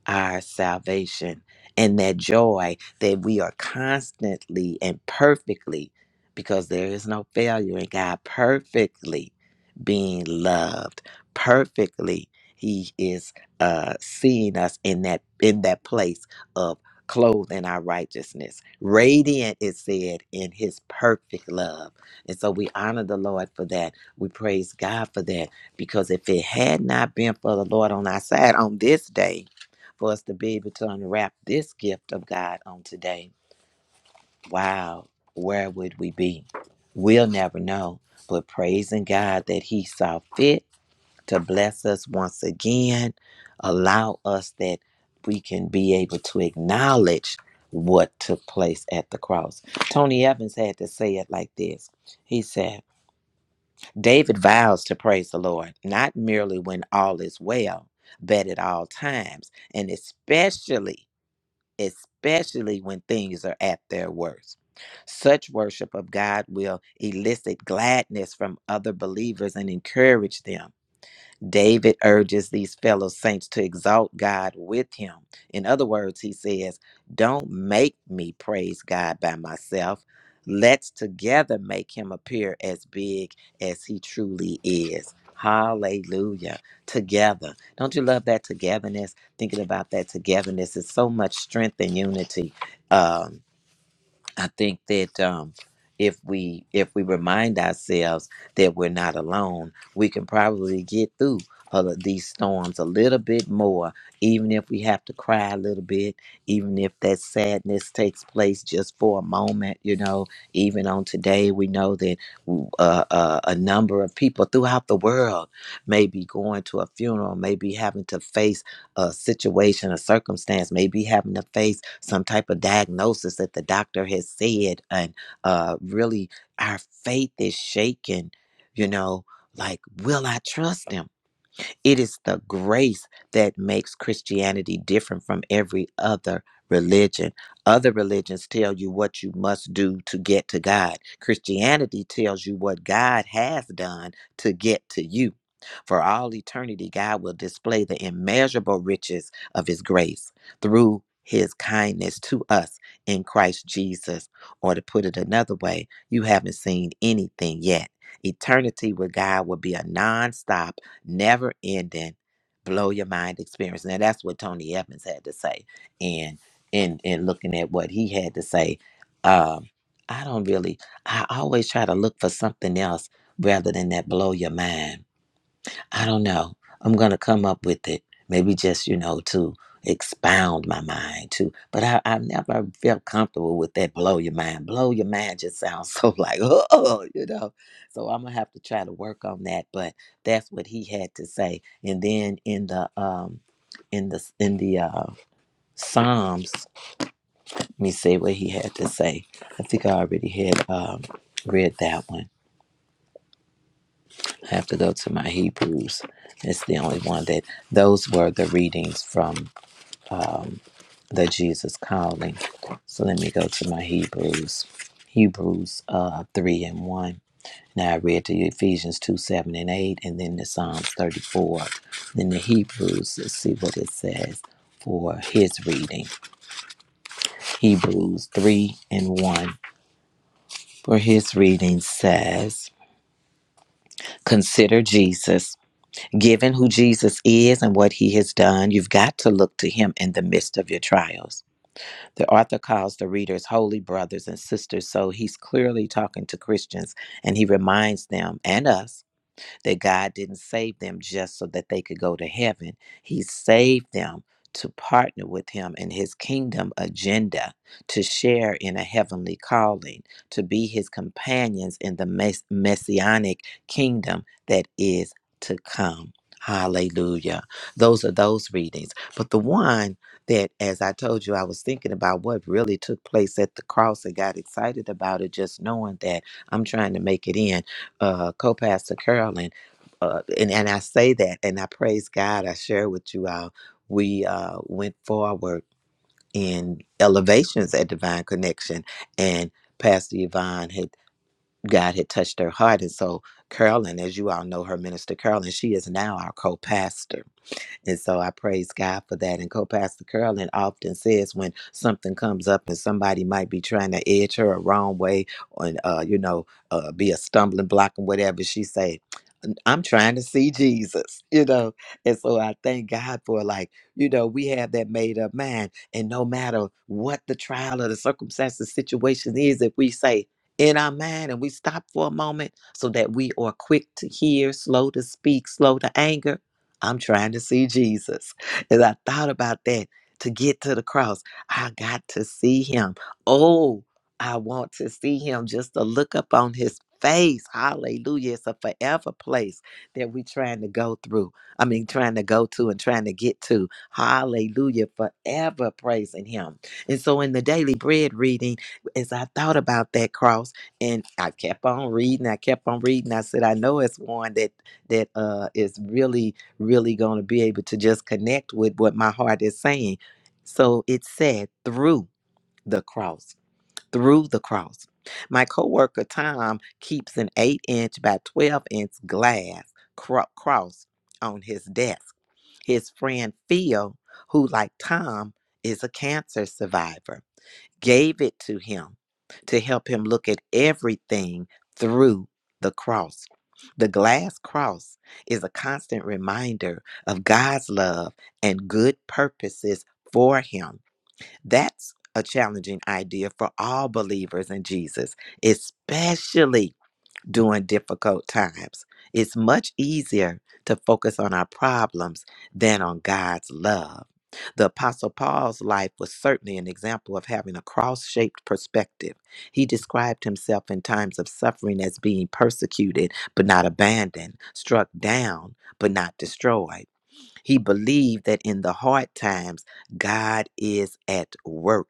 Speaker 2: our salvation and that joy that we are constantly and perfectly, because there is no failure in God, perfectly being loved, perfectly He is uh, seeing us in that in that place of clothed in our righteousness. Radiant It said in his perfect love. And so we honor the Lord for that. We praise God for that. Because if it had not been for the Lord on our side on this day, for us to be able to unwrap this gift of God on today. Wow, where would we be? We'll never know. But praising God that He saw fit to bless us once again, allow us that we can be able to acknowledge what took place at the cross. Tony Evans had to say it like this He said, David vows to praise the Lord, not merely when all is well, but at all times, and especially especially when things are at their worst. Such worship of God will elicit gladness from other believers and encourage them. David urges these fellow saints to exalt God with him. In other words, he says, Don't make me praise God by myself. Let's together make him appear as big as he truly is. Hallelujah. Together. Don't you love that togetherness? Thinking about that togetherness is so much strength and unity. Um, I think that um, if we if we remind ourselves that we're not alone, we can probably get through all of these storms a little bit more, even if we have to cry a little bit, even if that sadness takes place just for a moment. You know, even on today, we know that uh, uh, a number of people throughout the world may be going to a funeral, may be having to face a situation, a circumstance, maybe having to face some type of diagnosis that the doctor has said, and uh, really our faith is shaken. You know, like, will I trust him? It is the grace that makes Christianity different from every other religion. Other religions tell you what you must do to get to God. Christianity tells you what God has done to get to you. For all eternity, God will display the immeasurable riches of his grace through his kindness to us in Christ Jesus. Or to put it another way, you haven't seen anything yet. Eternity with God will be a nonstop never ending, blow your mind experience. Now that's what Tony Evans had to say. And in in looking at what he had to say, um, I don't really I always try to look for something else rather than that blow your mind I don't know. I'm going to come up with it. Maybe just, you know, to expound my mind to. But I, I never felt comfortable with that blow your mind. Blow your mind just sounds so like, oh, you know. So I'm going to have to try to work on that. But that's what he had to say. And then in the, um, in the in the uh, Psalms, let me say what he had to say. I think I already had um, read that one. I have to go to my Hebrews. It's the only one that those were the readings from um, the Jesus Calling. So let me go to my Hebrews. Hebrews uh, 3 and 1. Now I read to you Ephesians 2 7 and 8, and then the Psalms 34. Then the Hebrews, let's see what it says for his reading. Hebrews 3 and 1 for his reading says, Consider Jesus Given who Jesus is and what he has done, you've got to look to him in the midst of your trials. The author calls the readers holy brothers and sisters, so he's clearly talking to Christians and he reminds them and us that God didn't save them just so that they could go to heaven. He saved them to partner with Him in His kingdom agenda, to share in a heavenly calling, to be His companions in the mess- messianic kingdom that is to come. Hallelujah. Those are those readings. But the one that, as I told you, I was thinking about what really took place at the cross and got excited about it, just knowing that I'm trying to make it in. Uh, Co Pastor Carolyn uh, and, and I say that, and I praise God. I share with you all. We uh, went forward in elevations at Divine Connection, and Pastor Yvonne had God had touched her heart, and so Carolyn, as you all know, her minister Carolyn, she is now our co-pastor and so I praise God for that. And Co-Pastor Carolyn often says when something comes up and somebody might be trying to edge her a wrong way and, uh, you know, uh, be a stumbling block and whatever, she say, I'm trying to see Jesus, you know. And so I thank God for like, you know, we have that made up mind. And no matter what the trial or the circumstance, the situation is, if we say in our mind and we stop for a moment so that we are quick to hear, slow to speak, slow to anger, I'm trying to see Jesus. As I thought about that, to get to the cross, I got to see him. Oh, I want to see him just to look up on his face. Hallelujah. It's a forever place that we're trying to go through. I mean, trying to go to and trying to get to. Hallelujah. Forever praising him. And so in the daily bread reading, as I thought about that cross, and I kept on reading, I kept on reading. I said, I know it's one that that uh is really really going to be able to just connect with what my heart is saying. So it said through the cross, through the cross. My coworker Tom keeps an 8 inch by 12 inch glass cro- cross on his desk. His friend Phil, who, like Tom, is a cancer survivor gave it to him to help him look at everything through the cross. The glass cross is a constant reminder of God's love and good purposes for him. That's a challenging idea for all believers in Jesus, especially during difficult times. It's much easier to focus on our problems than on God's love. The Apostle Paul's life was certainly an example of having a cross shaped perspective. He described himself in times of suffering as being persecuted but not abandoned, struck down but not destroyed. He believed that in the hard times, God is at work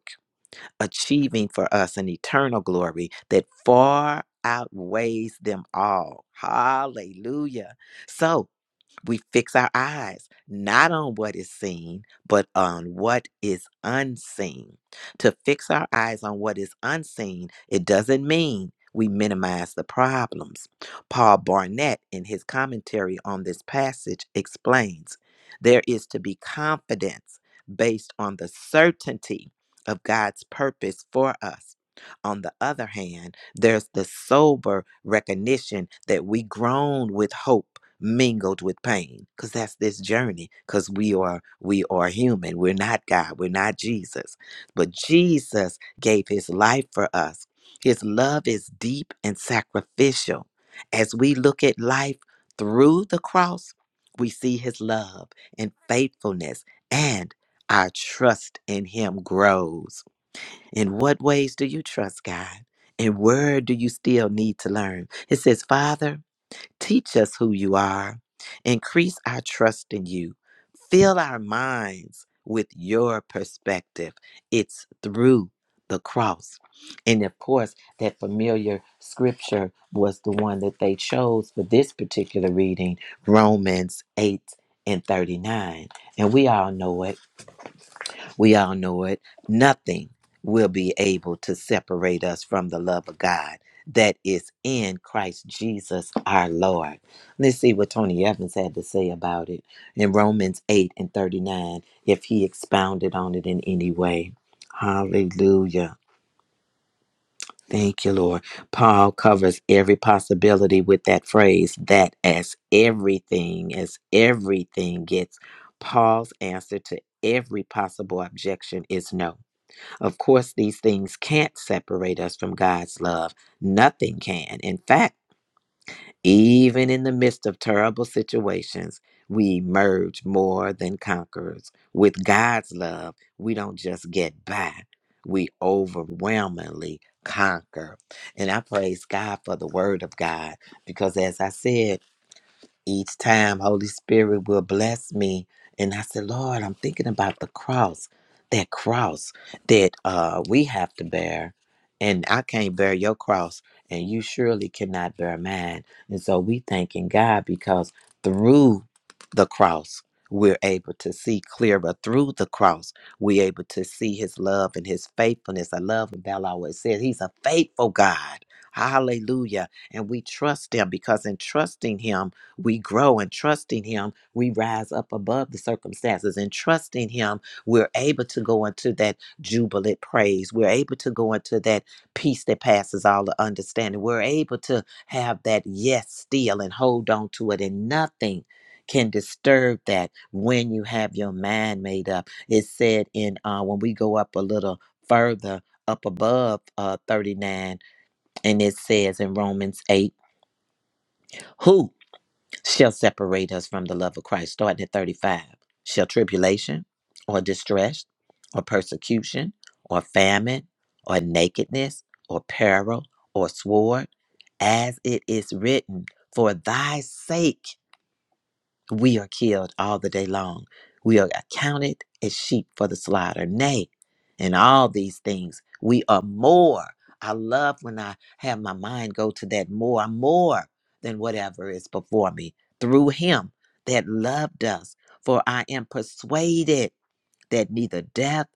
Speaker 2: achieving for us an eternal glory that far outweighs them all. Hallelujah. So, we fix our eyes not on what is seen, but on what is unseen. To fix our eyes on what is unseen, it doesn't mean we minimize the problems. Paul Barnett, in his commentary on this passage, explains there is to be confidence based on the certainty of God's purpose for us. On the other hand, there's the sober recognition that we groan with hope mingled with pain because that's this journey because we are we are human we're not god we're not jesus but jesus gave his life for us his love is deep and sacrificial as we look at life through the cross we see his love and faithfulness and our trust in him grows in what ways do you trust god and where do you still need to learn it says father Teach us who you are. Increase our trust in you. Fill our minds with your perspective. It's through the cross. And of course, that familiar scripture was the one that they chose for this particular reading Romans 8 and 39. And we all know it. We all know it. Nothing will be able to separate us from the love of God that is in Christ Jesus our Lord. Let's see what Tony Evans had to say about it in Romans 8 and 39, if he expounded on it in any way. Hallelujah. Thank you, Lord. Paul covers every possibility with that phrase, that as everything, as everything gets. Paul's answer to every possible objection is no. Of course, these things can't separate us from God's love. Nothing can. In fact, even in the midst of terrible situations, we emerge more than conquerors. With God's love, we don't just get by, we overwhelmingly conquer. And I praise God for the word of God because, as I said, each time Holy Spirit will bless me. And I said, Lord, I'm thinking about the cross, that cross that uh, we have to bear. And I can't bear your cross, and you surely cannot bear mine. And so we thanking God because through the cross, we're able to see clearer through the cross. We're able to see his love and his faithfulness. I love what Bella always says. He's a faithful God. Hallelujah. And we trust him because in trusting him, we grow in trusting him we rise up above the circumstances and trusting him we're able to go into that jubilant praise we're able to go into that peace that passes all the understanding we're able to have that yes still and hold on to it and nothing can disturb that when you have your mind made up it said in uh, when we go up a little further up above uh, 39 and it says in romans 8 who? shall separate us from the love of Christ. Starting at 35. Shall tribulation or distress or persecution or famine or nakedness or peril or sword, as it is written, for thy sake we are killed all the day long. We are accounted as sheep for the slaughter. Nay, in all these things, we are more. I love when I have my mind go to that more. I'm more than whatever is before me through him that loved us. For I am persuaded that neither death,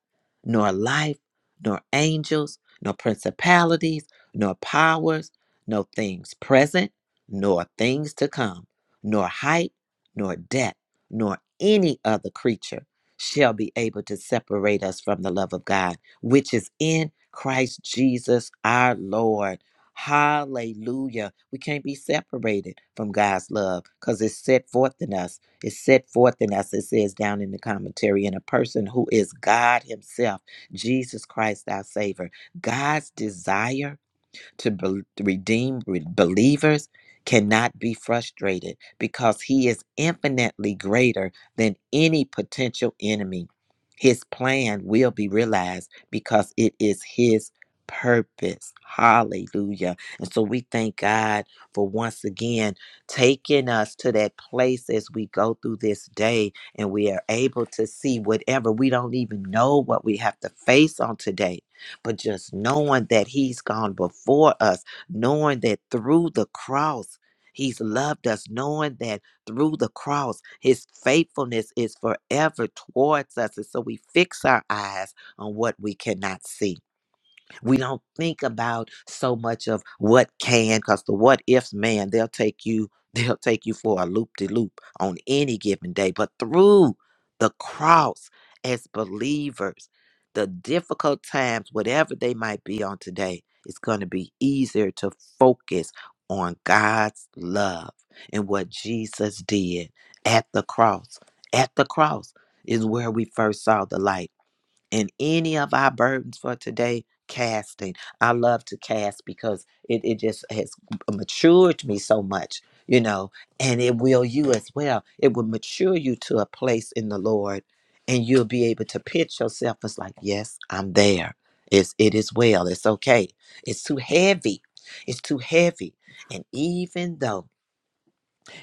Speaker 2: nor life, nor angels, nor principalities, nor powers, nor things present, nor things to come, nor height, nor depth, nor any other creature shall be able to separate us from the love of God, which is in Christ Jesus our Lord. Hallelujah. We can't be separated from God's love because it's set forth in us it's set forth, and as it says down in the commentary, in a person who is God Himself, Jesus Christ, our Savior. God's desire to bel redeem re- believers cannot be frustrated because he is infinitely greater than any potential enemy. His plan will be realized because it is his purpose. Hallelujah. And so we thank God for once again taking us to that place as we go through this day and we are able to see whatever we don't even know what we have to face on today but just knowing that He's gone before us, knowing that through the cross, He's loved us, knowing that through the cross, His faithfulness is forever towards us. And so we fix our eyes on what we cannot see we don't think about so much of what can because the what ifs man they'll take you they'll take you for a loop de loop on any given day but through the cross as believers the difficult times whatever they might be on today it's going to be easier to focus on God's love and what Jesus did at the cross at the cross is where we first saw the light and any of our burdens for today casting i love to cast because it, it just has matured me so much you know and it will you as well it will mature you to a place in the lord and you'll be able to pitch yourself as like yes i'm there it's it is well it's okay it's too heavy it's too heavy and even though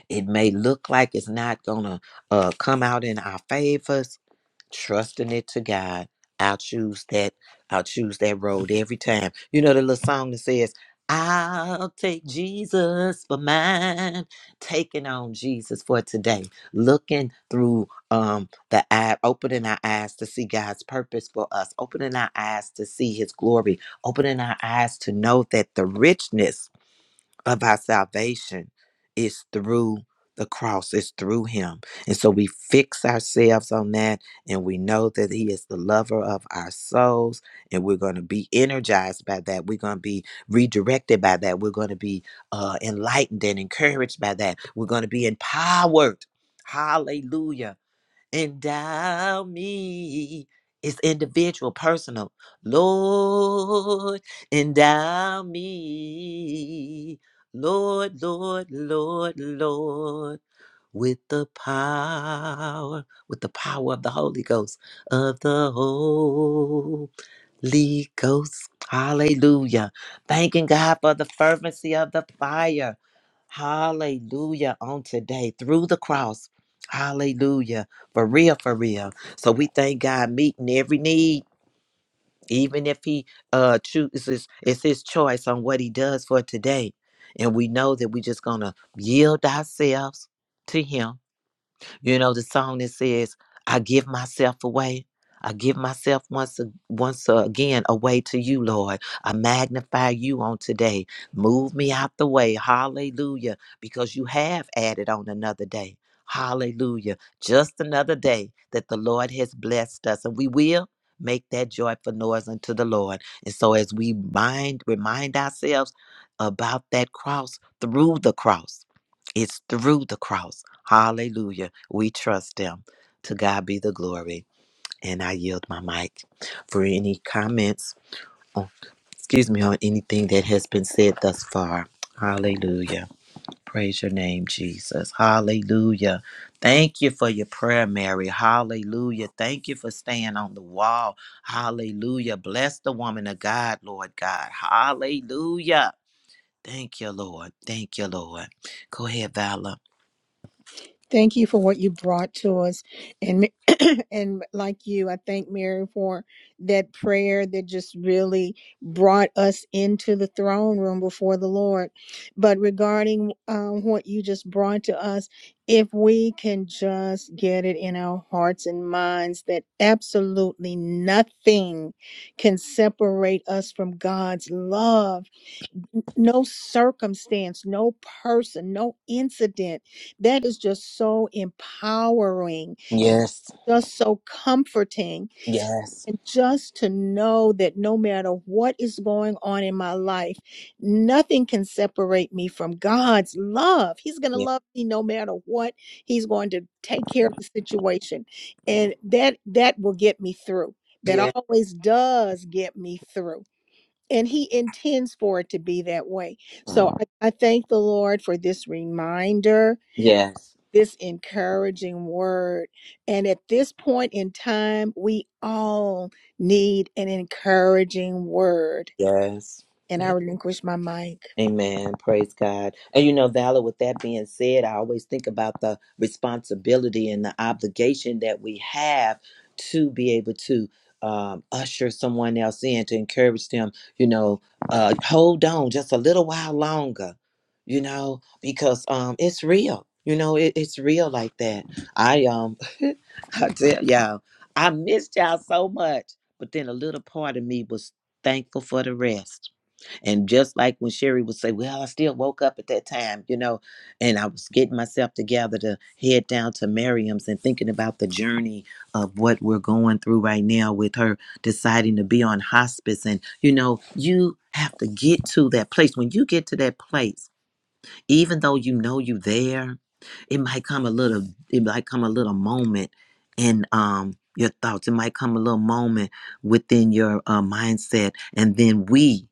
Speaker 2: it may look like it's not gonna uh, come out in our favor trusting it to God. I'll choose that. I'll choose that road every time. You know the little song that says, "I'll take Jesus for mine, taking on Jesus for today, looking through um the eye, opening our eyes to see God's purpose for us, opening our eyes to see His glory, opening our eyes to know that the richness." of our salvation is through the cross, it's through him. And so we fix ourselves on that and we know that he is the lover of our souls and we're going to be energized by that. We're going to be redirected by that. We're going to be uh, enlightened and encouraged by that. We're going to be empowered. Hallelujah endow me. It's individual, personal. Lord, endow me. Lord, Lord, Lord, Lord, with the power, with the power of the Holy Ghost, of the Holy Ghost. Hallelujah. Thanking God for the fervency of the fire. Hallelujah on today through the cross. Hallelujah. For real, for real. So we thank God meeting every need, even if he uh chooses it's his choice on what he does for today. And we know that we just gonna yield ourselves to him you know, the song that says, I give myself away. I give myself once a- once again away to you, Lord. I magnify you on today. Move me out the way. Hallelujah. Because you have added on another day. Hallelujah. Just another day that the Lord has blessed us. And we will make that joyful noise unto the Lord. And so as we mind remind ourselves about that cross through the cross. It's through the cross. Hallelujah. We trust them. To God be the glory. And I yield my mic for any comments, oh, excuse me, on anything that has been said thus far. Hallelujah. Praise your name, Jesus. Hallelujah. Thank you for your prayer, Mary. Hallelujah. Thank you for staying on the wall. Hallelujah. Bless the woman of God, Lord God. Hallelujah. Thank you, Lord. Thank you, Lord. Go ahead, Valor.
Speaker 1: Thank you for what you brought to us, and Ma- and like you, I thank Mary for that prayer that just really brought us into the throne room before the Lord. But regarding um, what you just brought to us, if we can just get it in our hearts and minds that absolutely nothing can separate us from God's love n- no circumstance, no person, no incident. That is just so empowering,
Speaker 2: Yes.
Speaker 1: just so comforting.
Speaker 2: Yes.
Speaker 1: And just to know that no matter what is going on in my life, nothing can separate me from God's love. He's going to
Speaker 2: Yes.
Speaker 1: love me no matter what. He's going to take care of the situation. And that that will get me through. That
Speaker 2: Yes.
Speaker 1: always does get me through and he intends for it to be that way. So I, I thank the Lord for this reminder, this encouraging word. And at this point in time, we all need an encouraging word.
Speaker 2: Yes.
Speaker 1: And I
Speaker 2: Yes.
Speaker 1: relinquish my mic.
Speaker 2: Amen. Praise God. And you know, Valor, with that being said, I always think about the responsibility and the obligation that we have to be able to um, usher someone else in, to encourage them, you know, uh, hold on just a little while longer, you know, because um, it's real. You know, it, it's real like that. I um, I tell y'all, I missed y'all so much, but then a little part of me was thankful for the rest and just like when Sherry would say, Well, I still woke up at that time, you know, and I was getting myself together to head down to Miriam's and thinking about the journey of what we're going through right now with her deciding to be on hospice. And, you know, you have to get to that place. When you get to that place, even though you know you're there, it might come a little, it might come a little moment in um your thoughts. It might come a little moment within your uh, mindset. And then we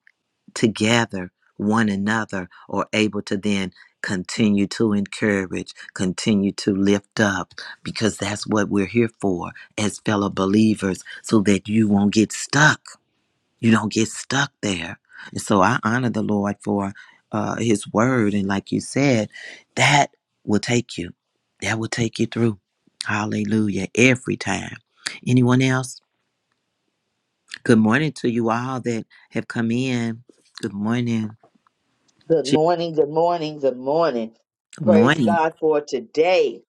Speaker 2: together one another or able to then continue to encourage, continue to lift up, because that's what we're here for as fellow believers, so that you won't get stuck. You don't get stuck there. And so I honor the Lord for uh, his word. And like you said, that will take you. That will take you through. Hallelujah. Every time. Anyone else? Good morning to you all that have come in. Good morning.
Speaker 3: Good morning, good morning, good morning.
Speaker 2: Good
Speaker 3: Praise
Speaker 2: morning.
Speaker 3: God for today.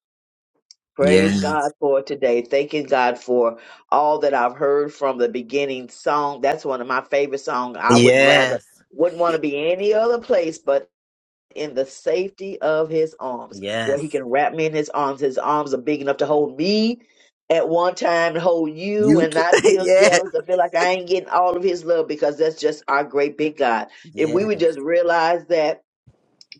Speaker 3: Praise
Speaker 2: Yes.
Speaker 3: God for today. Thanking God for all that I've heard from the beginning song. That's one of my favorite songs. I would rather
Speaker 2: Yes.
Speaker 3: wouldn't want to be any other place but in the safety of his arms, where he
Speaker 2: Yes.
Speaker 3: can wrap me in his arms. His arms are big enough to hold me at one time and hold you
Speaker 2: You
Speaker 3: and
Speaker 2: too.
Speaker 3: not feel
Speaker 2: yes.
Speaker 3: jealous and feel like I ain't getting all of his love because that's just our great big God. If we
Speaker 2: Yes.
Speaker 3: would just realize that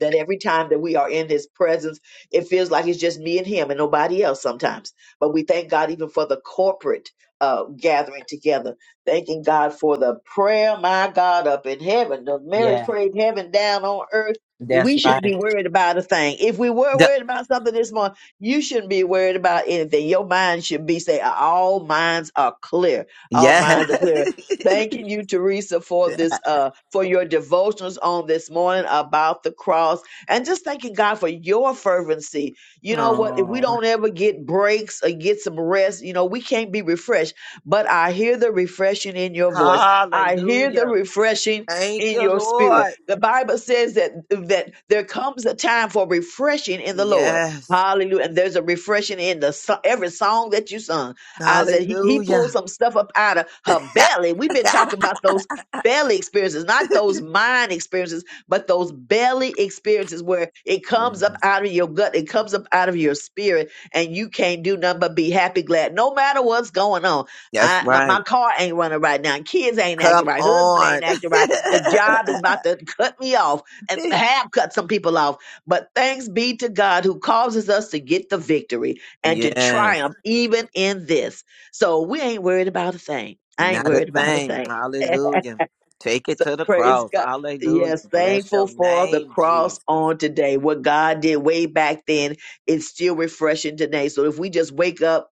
Speaker 3: that every time that we are in his presence, it feels like it's just me and him and nobody else sometimes. But we thank God even for the corporate uh, gathering together, thanking God for the prayer, my God, up in heaven. The Mary
Speaker 2: Yeah.
Speaker 3: prayed heaven down on earth.
Speaker 2: That's
Speaker 3: We shouldn't be
Speaker 2: right.
Speaker 3: worried about a thing. If we were
Speaker 2: The-
Speaker 3: worried about something this morning, you shouldn't be worried about anything. Your mind should be say, all minds are clear. All
Speaker 2: yes.
Speaker 3: minds are clear. Thanking you, Teresa, for this, uh, for your devotions on this morning about the cross, and just thanking God for your fervency. You know what? If we
Speaker 2: oh.
Speaker 3: don't ever get breaks or get some rest, you know, we can't be refreshed. But I hear the refreshing in your voice. I hear the
Speaker 2: Hallelujah.
Speaker 3: refreshing
Speaker 2: Thank
Speaker 3: in
Speaker 2: you,
Speaker 3: your spirit.
Speaker 2: Lord.
Speaker 3: The Bible says that that there comes a time for refreshing in the Lord.
Speaker 2: Yes.
Speaker 3: Hallelujah! And there's a refreshing in the so- every song that you sung. I said he, he
Speaker 2: Hallelujah.
Speaker 3: pulled some stuff up out of her belly. We've been talking about those belly experiences, not those mind experiences, but those belly experiences where it
Speaker 2: yeah.
Speaker 3: comes up out of your gut, it comes up out of your spirit, and you can't do nothing but be happy, glad, no matter what's going on.
Speaker 2: That's
Speaker 3: I, my, my
Speaker 2: right.
Speaker 3: car ain't running right now. Kids ain't acting
Speaker 2: Come
Speaker 3: right. Husband ain't
Speaker 2: on.
Speaker 3: acting right. The job is about to cut me off and have cut some people off. But thanks be to God who causes us to get the victory and to
Speaker 2: yes.
Speaker 3: triumph even in this. So we ain't worried about a thing. I ain't
Speaker 2: Not a
Speaker 3: worried about a
Speaker 2: thing.
Speaker 3: thing.
Speaker 2: Hallelujah. Take it
Speaker 3: so
Speaker 2: to the
Speaker 3: praise
Speaker 2: cross.
Speaker 3: God.
Speaker 2: Hallelujah.
Speaker 3: Yes,
Speaker 2: Bless
Speaker 3: thankful
Speaker 2: your
Speaker 3: for the
Speaker 2: name,
Speaker 3: cross
Speaker 2: Jesus.
Speaker 3: on today. What God did way back then is still refreshing today. So if we just wake up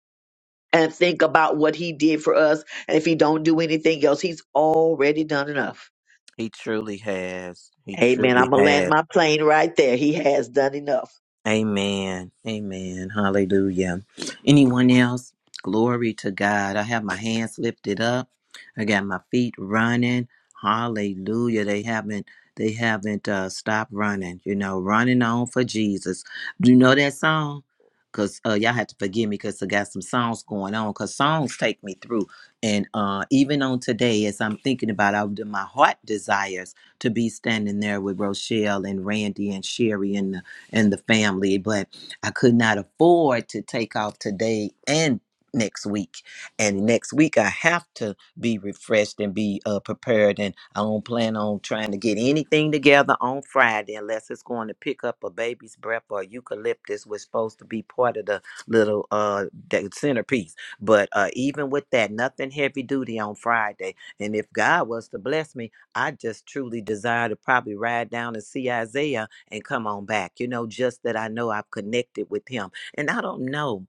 Speaker 3: and think about what he did for us, and if he don't do anything else, he's already done enough.
Speaker 2: He truly has. He
Speaker 3: Amen.
Speaker 2: truly
Speaker 3: I'm gonna
Speaker 2: has.
Speaker 3: land my plane right there. He has done enough.
Speaker 2: Amen. Amen. Hallelujah. Anyone else? Glory to God. I have my hands lifted up. I got my feet running. Hallelujah. They haven't they haven't uh stopped running. You know, running on for Jesus. Do you know that song? Cause uh, y'all have to forgive me because I got some songs going on. Cause songs take me through, and uh, even on today, as I'm thinking about, I, my heart desires to be standing there with Rochelle and Randy and Sherry and and the family, but I could not afford to take off today and next week. And next week, I have to be refreshed and be uh, prepared. And I don't plan on trying to get anything together on Friday unless it's going to pick up a baby's breath or eucalyptus, was supposed to be part of the little uh the centerpiece. But uh, even with that, nothing heavy duty on Friday. And if God was to bless me, I just truly desire to probably ride down and see Isaiah and come on back. You know, just that I know I've connected with him. And I don't know,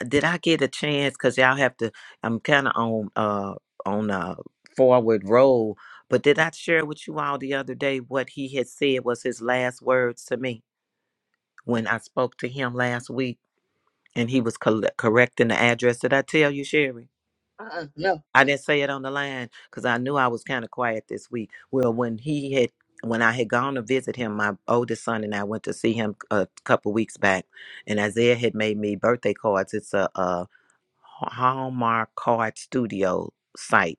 Speaker 2: uh, did I get a chance? Because y'all have to. I'm kind of on uh on a forward roll. But did I share with you all the other day what he had said was his last words to me when I spoke to him last week, and he was col- correcting the address? Did I tell you, Sherry?
Speaker 3: Uh-uh, no.
Speaker 2: I didn't say it on the line because I knew I was kind of quiet this week. Well, when he had, when I had gone to visit him, my oldest son and I went to see him a couple weeks back, and Isaiah had made me birthday cards. It's a, uh Hallmark Card Studio site,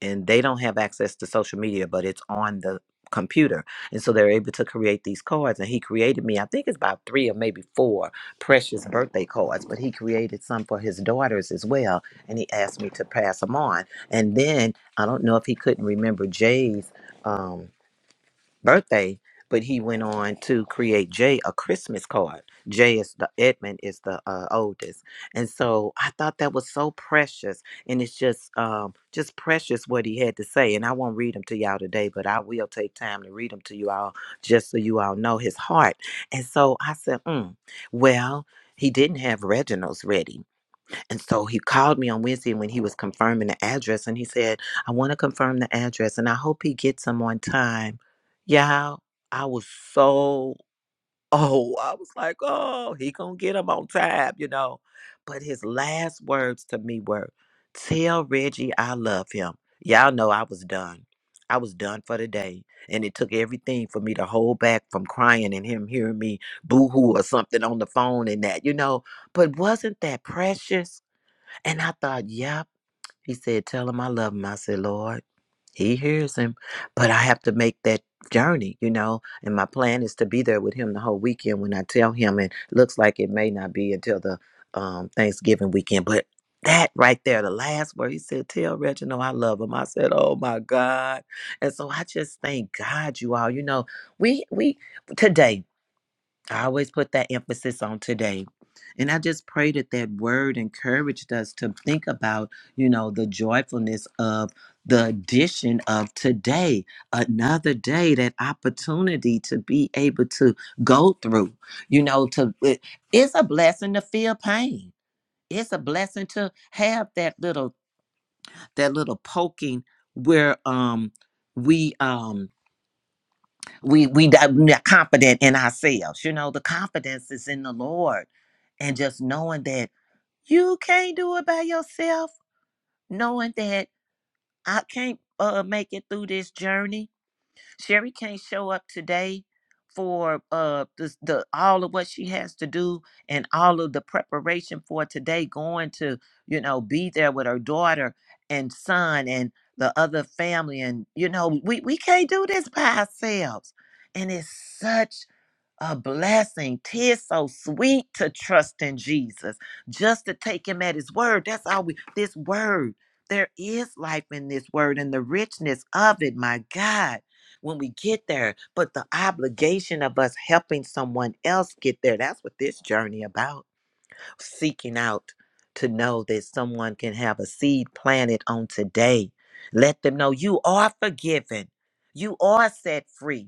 Speaker 2: and they don't have access to social media, but it's on the computer, and so they're able to create these cards. And he created me, I think it's about three or maybe four precious birthday cards, but he created some for his daughters as well, and he asked me to pass them on. And then I don't know if he couldn't remember Jay's. Um, birthday, but he went on to create Jay a Christmas card. Jay is the Edmund is the uh, oldest, and so I thought that was so precious, and it's just um, just precious what he had to say. And I won't read them to y'all today, but I will take time to read them to you all, just so you all know his heart. And so I said, mm, well. He didn't have Reginald's ready. And so he called me on Wednesday when he was confirming the address and he said, I want to confirm the address and I hope he gets them on time. Y'all, I was so, oh, I was like, oh, he going to get them on time, you know. But his last words to me were, tell Reggie I love him. Y'all know I was done. I was done for the day. And it took everything for me to hold back from crying and him hearing me boo-hoo or something on the phone and that, you know. But wasn't that precious? And I thought, yep. He said, tell him I love him. I said, Lord, he hears him. But I have to make that journey, you know. And my plan is to be there with him the whole weekend when I tell him. And looks like it may not be until the um, Thanksgiving weekend. But that right there, the last word, he said, tell Reginald I love him. I said, oh my God. And so I just thank God you all. You know, we, we, today. I always put that emphasis on today. And I just pray that that word encouraged us to think about, you know, the joyfulness of the addition of today, another day, that opportunity to be able to go through, you know, to it- it's a blessing to feel pain. It's a blessing to have that little that little poking where um we um we we that- we are confident in ourselves you know the confidence is in the lord and just knowing that you can't do it by yourself knowing that i can't uh, make it through this journey Sherry can't show up today for uh the, the all of what she has to do and all of the preparation for today going to you know be there with her daughter and son and the other family and you know we we can't do this by ourselves and it's such a blessing. Tis so sweet to trust in Jesus, just to take him at his word. That's all we, this word. There is life in this word and the richness of it, my God, when we get there. But the obligation of us helping someone else get there, that's what this journey about. Seeking out to know that someone can have a seed planted on today. Let them know you are forgiven. You are set free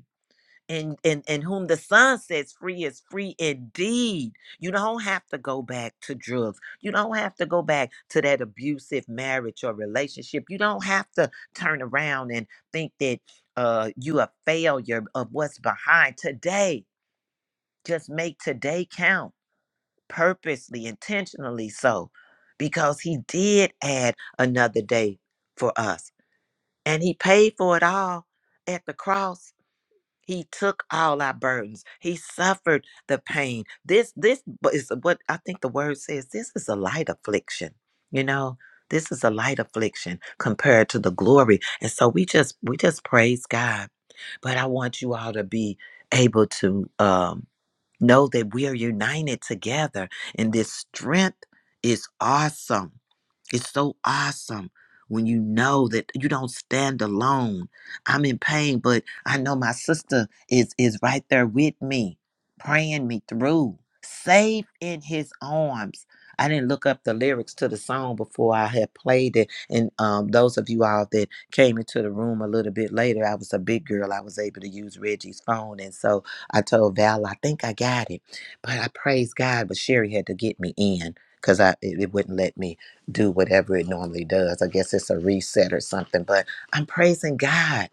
Speaker 2: and and and whom the son sets free is free indeed you don't have to go back to drugs you don't have to go back to that abusive marriage or relationship you don't have to turn around and think that uh you a failure of what's behind today just make today count purposely intentionally so because he did add another day for us and he paid for it all at the cross he took all our burdens. He suffered the pain. This, this is what I think the word says. This is a light affliction. You know, this is a light affliction compared to the glory. And so we just, we just praise God. But I want you all to be able to um, know that we are united together, and this strength is awesome. It's so awesome when you know that you don't stand alone. I'm in pain, but I know my sister is is right there with me, praying me through, safe in his arms. I didn't look up the lyrics to the song before I had played it. And um, those of you all that came into the room a little bit later, I was a big girl. I was able to use Reggie's phone. And so I told Val, I think I got it. But I praise God, but Sherry had to get me in because I it, it wouldn't let me do whatever it normally does. I guess it's a reset or something, but I'm praising God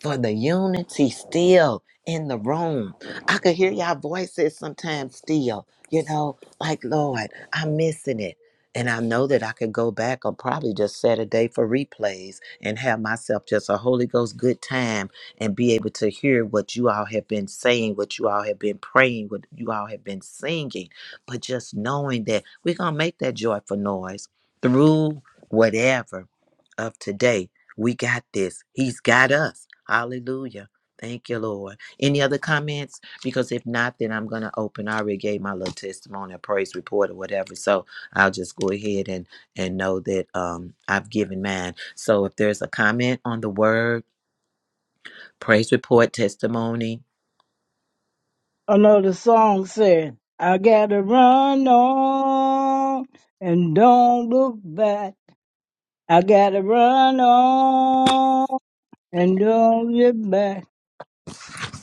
Speaker 2: for the unity still in the room. I could hear y'all voices sometimes still, you know, like, Lord, I'm missing it. And I know that I could go back or probably just set a day for replays and have myself just a Holy Ghost good time and be able to hear what you all have been saying, what you all have been praying, what you all have been singing. But just knowing that we're going to make that joyful noise through whatever of today we got this. He's got us. Hallelujah. Thank you, Lord. Any other comments? Because if not, then I'm going to open. I already gave my little testimony, a praise report, or whatever. So I'll just go ahead and and know that um, I've given mine. So if there's a comment on the word, praise report, testimony,
Speaker 5: I know the song said, I gotta run on and don't look back. I gotta run on and don't look back.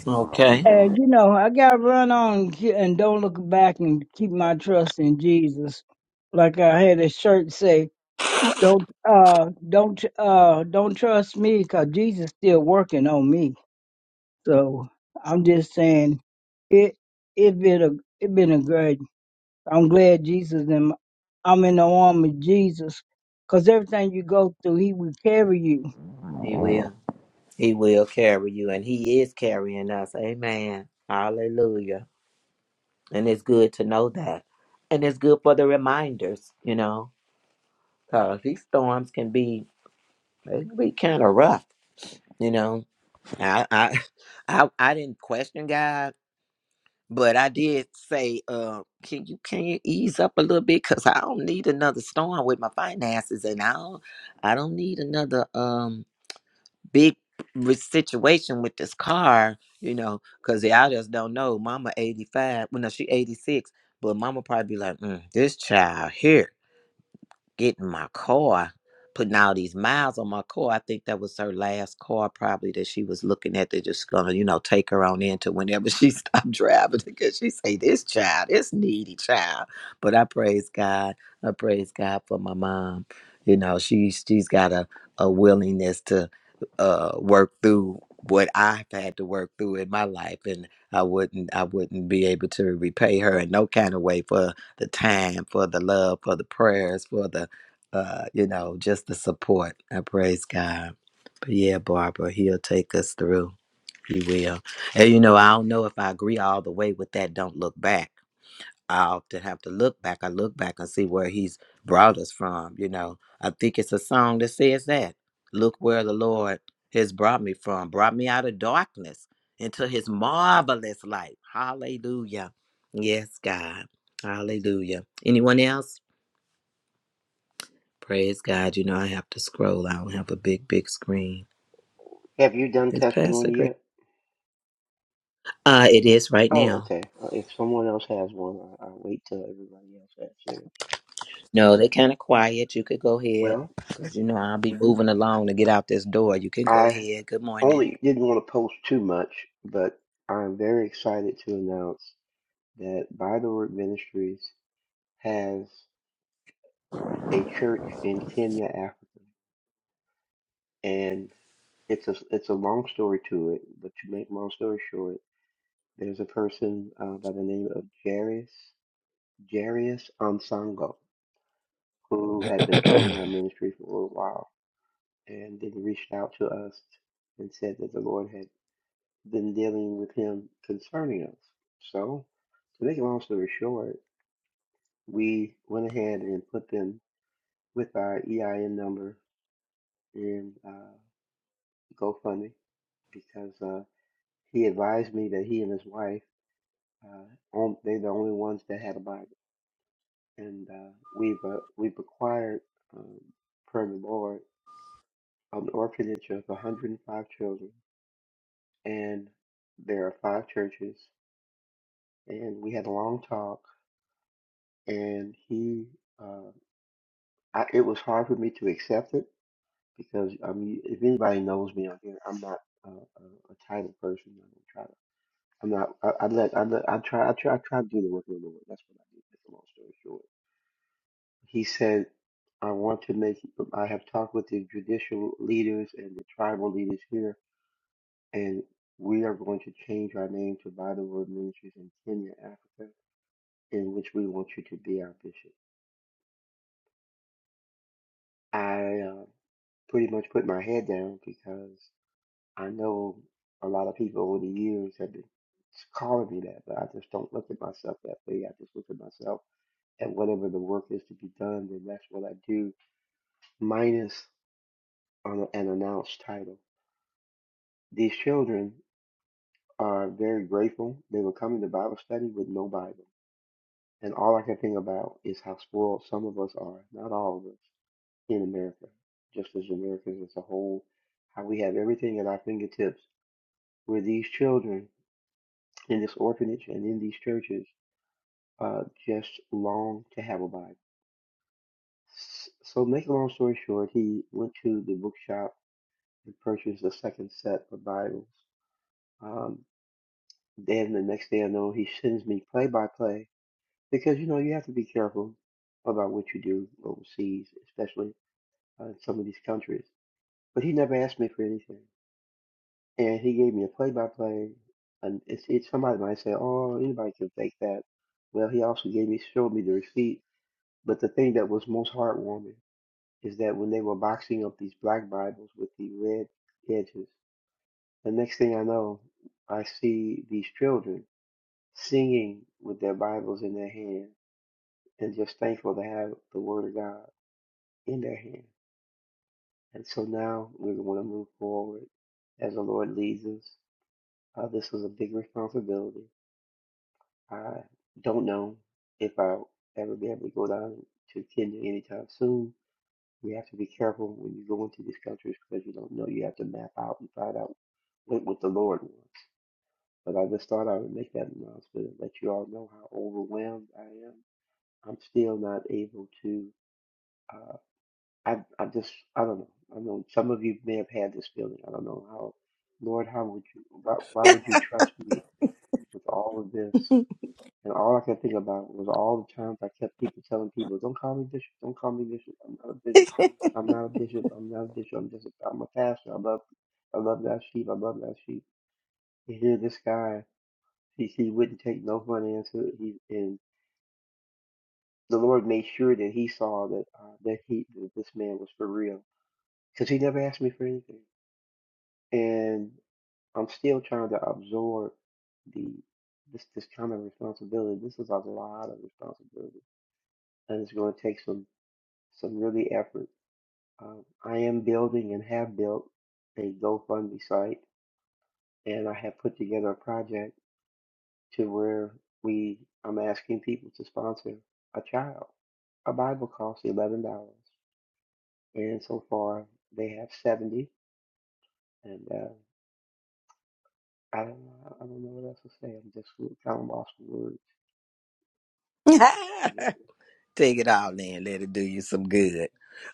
Speaker 2: okay,
Speaker 5: And you know, I gotta run on and ke- and don't look back and keep my trust in Jesus. Like I had a shirt say, don't uh don't uh don't trust me,' 'Cause Jesus still working on me. So I'm just saying it it been a it been a great I'm glad Jesus and I'm in the arm of Jesus, cause everything you go through, He will carry you.
Speaker 2: He will. He will carry you, and He is carrying us. Amen. Hallelujah. And it's good to know that, and it's good for the reminders, you know. Cause these storms can be they can be kind of rough, you know. I, I I I didn't question God, but I did say, uh, can you can you ease up a little bit? Cause I don't need another storm with my finances, and I don't I don't need another um big re- situation with this car, you know. Cause I just don't know. Mama eighty five, well no, she eighty six, but Mama probably be like, mm, this child here. getting my car, putting all these miles on my car. I think that was her last car, probably that she was looking at. They're just gonna, you know, take her on into whenever she stopped driving because she say this child, this needy child. But I praise God. I praise God for my mom. You know, she she's got a a willingness to uh work through what I've had to work through in my life and I wouldn't I wouldn't be able to repay her in no kind of way for the time, for the love, for the prayers, for the uh, you know, just the support. I praise God. But yeah, Barbara, he'll take us through. He will. And you know, I don't know if I agree all the way with that don't look back. I often have to look back. I look back and see where he's brought us from, you know. I think it's a song that says that. Look where the Lord has brought me from, brought me out of darkness into his marvelous light. Hallelujah. Yes, God. Hallelujah. Anyone else? Praise God. You know, I have to scroll. I don't have a big, big screen.
Speaker 11: Have you done
Speaker 2: It's Pastor
Speaker 11: testimony
Speaker 2: Greg.
Speaker 11: yet?
Speaker 2: Uh, it is right
Speaker 11: Oh,
Speaker 2: now.
Speaker 11: okay. Uh, If someone else has one, I- I'll wait till everybody else has theirs.
Speaker 2: No, they kind of quiet. You could go ahead
Speaker 11: Well,
Speaker 2: because, you know, I'll be moving along to get out this door. You can go
Speaker 11: I
Speaker 2: ahead. Good morning.
Speaker 11: only didn't want to post too much, but I'm very excited to announce that By the Word Ministries has a church in Kenya, Africa, and it's a it's a long story to it. But to make long story short, there's a person uh, by the name of Jarius Jarius Onsango who had been following our ministry for a little while and then he reached out to us and said that the Lord had been dealing with him concerning us. So, to make a long story short, we went ahead and put them with our EIN number in uh, GoFundMe because uh, he advised me that he and his wife uh, on, they're the only ones that had a Bible, and uh, we've uh, we've acquired um, per the Lord an orphanage of 105 children, and there are five churches and we had a long talk and he uh I, it was hard for me to accept it because I mean if anybody knows me on here I'm not uh, a, a title person I don't try to I'm not I, I let I let I try I try I try to do the work of the Lord that's what I do make a long story short he said I want to make I have talked with the judicial leaders and the tribal leaders here and we are going to change our name to Bible Word Ministries in Kenya Africa in which we want you to be our bishop I uh, pretty much put my head down because I know a lot of people over the years have been calling me that, but I just don't look at myself that way. I just look at myself at whatever the work is to be done, then that's what I do, minus on an announced title. These children are very grateful. They were coming to Bible study with no Bible. And all I can think about is how spoiled some of us are, not all of us, in America, just as Americans as a whole, how we have everything at our fingertips where these children in this orphanage and in these churches uh, just long to have a Bible. S- So, make a long story short, he went to the bookshop and purchased a second set of Bibles. Um, then the next day I know he sends me play by play because you know you have to be careful about what you do overseas, especially uh, in some of these countries. But he never asked me for anything. and he gave me a play-by-play. And it's, it's somebody might say, "Oh, anybody can fake that." Well, he also gave me showed me the receipt. But the thing that was most heartwarming is that when they were boxing up these black Bibles with the red edges, the next thing I know, I see these children singing with their Bibles in their hand and just thankful to have the Word of God in their hand. And so now we want to move forward as the Lord leads us. Uh, this is a big responsibility I don't know if I'll ever be able to go down to Kenya anytime soon. You have to be careful when you go into these countries because you don't know. You have to map out and find out what, what the Lord wants. But I just thought I would make that announcement and let you all know how overwhelmed I am. I'm still not able to. Uh, I I just I don't know. I know some of you may have had this feeling. I don't know how. Lord, how would you? Why, why would you trust me with all of this? And all I could think about was all the times I kept people telling people, "Don't call me bishop. Don't call me bishop. I'm not a bishop. I'm not a bishop. I'm not a bishop. I'm just. A, I'm a pastor. I love. I love that sheep. I love that sheep." And here, this guy, he he wouldn't take no for an answer. He and the Lord made sure that he saw that uh, that he that this man was for real because he never asked me for anything. And I'm still trying to absorb the this this kind of responsibility. This is a lot of responsibility, and it's going to take some. some really effort. Um, I am building and have built a GoFundMe site, and I have put together a project to where we I'm asking people to sponsor a child. A Bible costs eleven dollars, and so far they have seventy. And uh, I don't know, I don't know what else to say. I'm just kind of lost for words. He just-
Speaker 2: Take it all in, let it do you some good.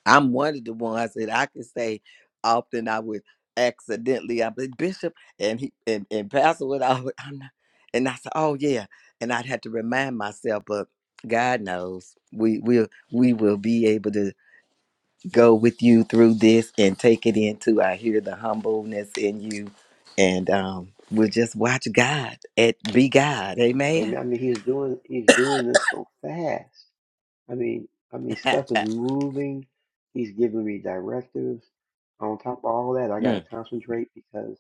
Speaker 2: I'm one of the ones that I can say often I would accidentally I'd be bishop and he and, and pastor would I would I'm not and I said, Oh yeah. And I'd have to remind myself, but God knows we will we will be able to go with you through this and take it into I hear the humbleness in you and um we'll just watch God and be God. Amen.
Speaker 11: And I mean, he's doing he's doing this so fast. I mean, I mean, stuff is moving. He's giving me directives. On top of all that, I got to
Speaker 2: Mm.
Speaker 11: concentrate because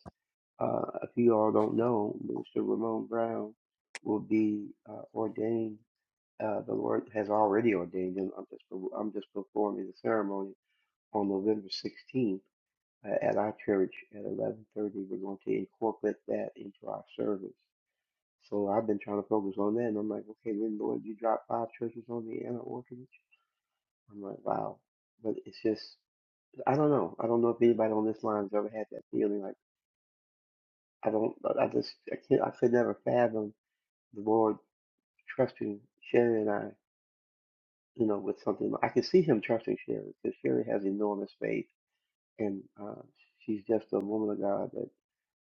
Speaker 11: uh, if you all don't know, Mister Ramon Brown will be uh, ordained. Uh, the Lord has already ordained him. I'm just per- I'm just performing the ceremony on November 16th uh, at our church at 11:30. We're going to incorporate that into our service. So I've been trying to focus on that, and I'm like, okay, then Lord, you drop five churches on me and an orphanage. I'm like, wow. But it's just, I don't know. I don't know if anybody on this line's ever had that feeling. Like, I don't, I I just, I can't, I could never fathom the Lord trusting Sherry and I, you know, with something. like, I could see him trusting Sherry because Sherry has enormous faith and uh, she's just a woman of God that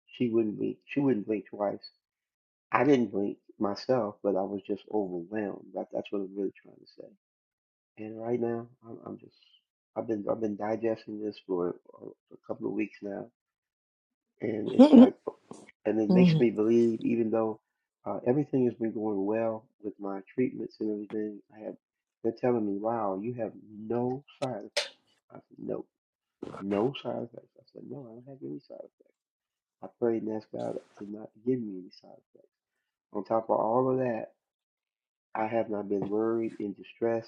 Speaker 11: she wouldn't blink, she wouldn't blink twice. I didn't blink myself, but I was just overwhelmed. That, that's what I'm really trying to say. And right now, I'm, I'm just I've been I've been digesting this for a, a couple of weeks now, and it's like, and it makes
Speaker 2: Mm.
Speaker 11: me believe, even though uh, everything has been going well with my treatments and everything, I have they're telling me, wow, you have no side effects. I said, no, no side effects. I said, no, I don't have any side effects. I prayed and asked God to not give me any side effects. On top of all of that, I have not been worried in distress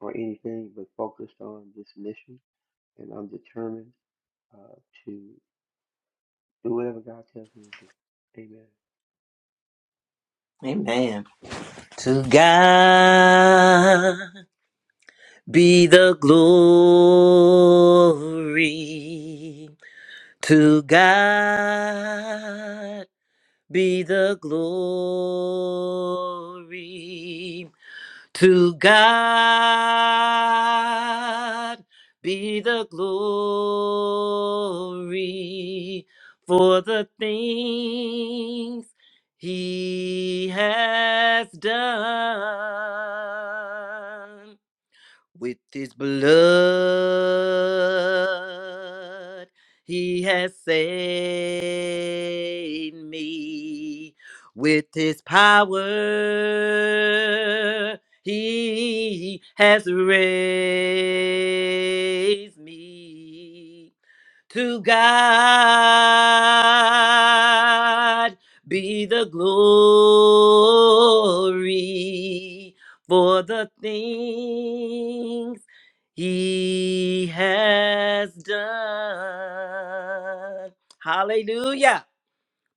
Speaker 11: or anything, but focused on this mission and I'm determined uh, to do whatever God tells me to do. Amen.
Speaker 2: Amen. To God be the glory. To God be the glory. To God be the glory for the things he has done. With his blood, he has saved me. With his power, he has raised me. To God be the glory for the things he has done. Hallelujah.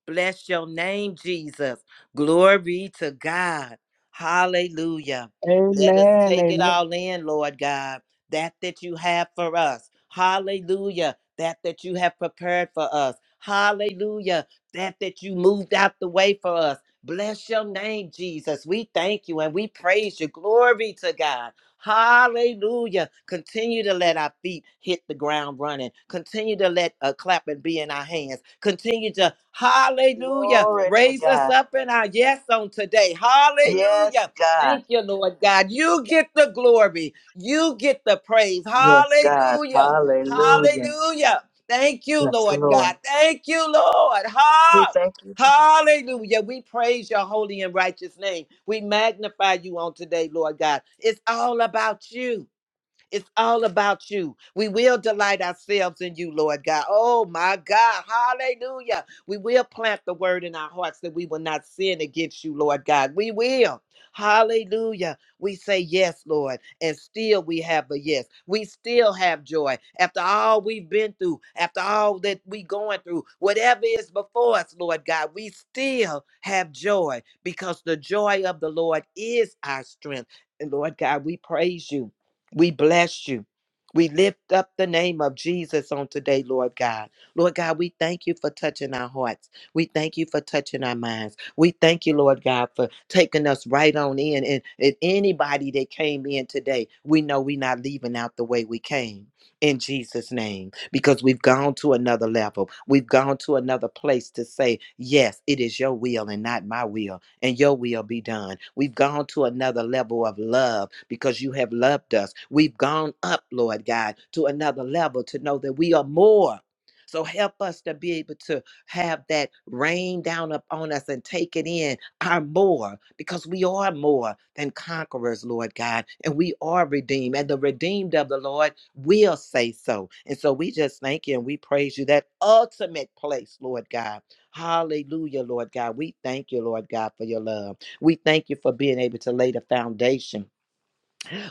Speaker 2: Bless your name, Jesus. Glory to God. Hallelujah. Let us
Speaker 5: Amen.
Speaker 2: take it
Speaker 5: Amen.
Speaker 2: all in, Lord God. That that you have for us. Hallelujah. That that you have prepared for us. Hallelujah. That that you moved out the way for us. Bless your name, Jesus. We thank you and we praise you. Glory to God. Hallelujah. Continue to let our feet hit the ground running. Continue to let a clapping be in our hands. Continue to, hallelujah,
Speaker 3: Glory to
Speaker 2: raise us
Speaker 3: God.
Speaker 2: up in our yes on today.
Speaker 3: Yes,
Speaker 2: Hallelujah.
Speaker 3: God.
Speaker 2: Thank you, Lord God. You get the glory. You get the praise.
Speaker 3: Yes, God.
Speaker 2: Hallelujah.
Speaker 3: Hallelujah.
Speaker 2: Hallelujah. Thank you,
Speaker 3: Yes,
Speaker 2: Lord God.
Speaker 3: Lord.
Speaker 2: Thank you, Lord.
Speaker 3: We
Speaker 2: Ha!
Speaker 3: thank you, Jesus.
Speaker 2: Hallelujah. We praise your holy and righteous name. We magnify you on today, Lord God. It's all about you. It's all about you. We will delight ourselves in you, Lord God. Oh my God. Hallelujah. We will plant the word in our hearts that we will not sin against you, Lord God. We will. Hallelujah. We say yes, Lord, and still we have a yes. We still have joy after all we've been through, after all that we going through, whatever is before us, Lord God, we still have joy because the joy of the Lord is our strength. And Lord God, we praise you. We bless you. We lift up the name of Jesus on today, Lord God. Lord God, we thank you for touching our hearts. We thank you for touching our minds. We thank you, Lord God, for taking us right on in. And if anybody that came in today, we know we're not leaving out the way we came. In Jesus' name, because we've gone to another level. We've gone to another place to say, Yes, it is your will and not my will and your will be done. We've gone to another level of love because you have loved us. We've gone up, Lord God, to another level to know that we are more. So help us to be able to have that rain down upon us and take it in our more because we are more than conquerors, Lord God, and we are redeemed. And the redeemed of the Lord will say so. And so we just thank you and we praise you that ultimate place, Lord God Hallelujah, Lord God. We thank you, Lord God, for your love. We thank you for being able to lay the foundation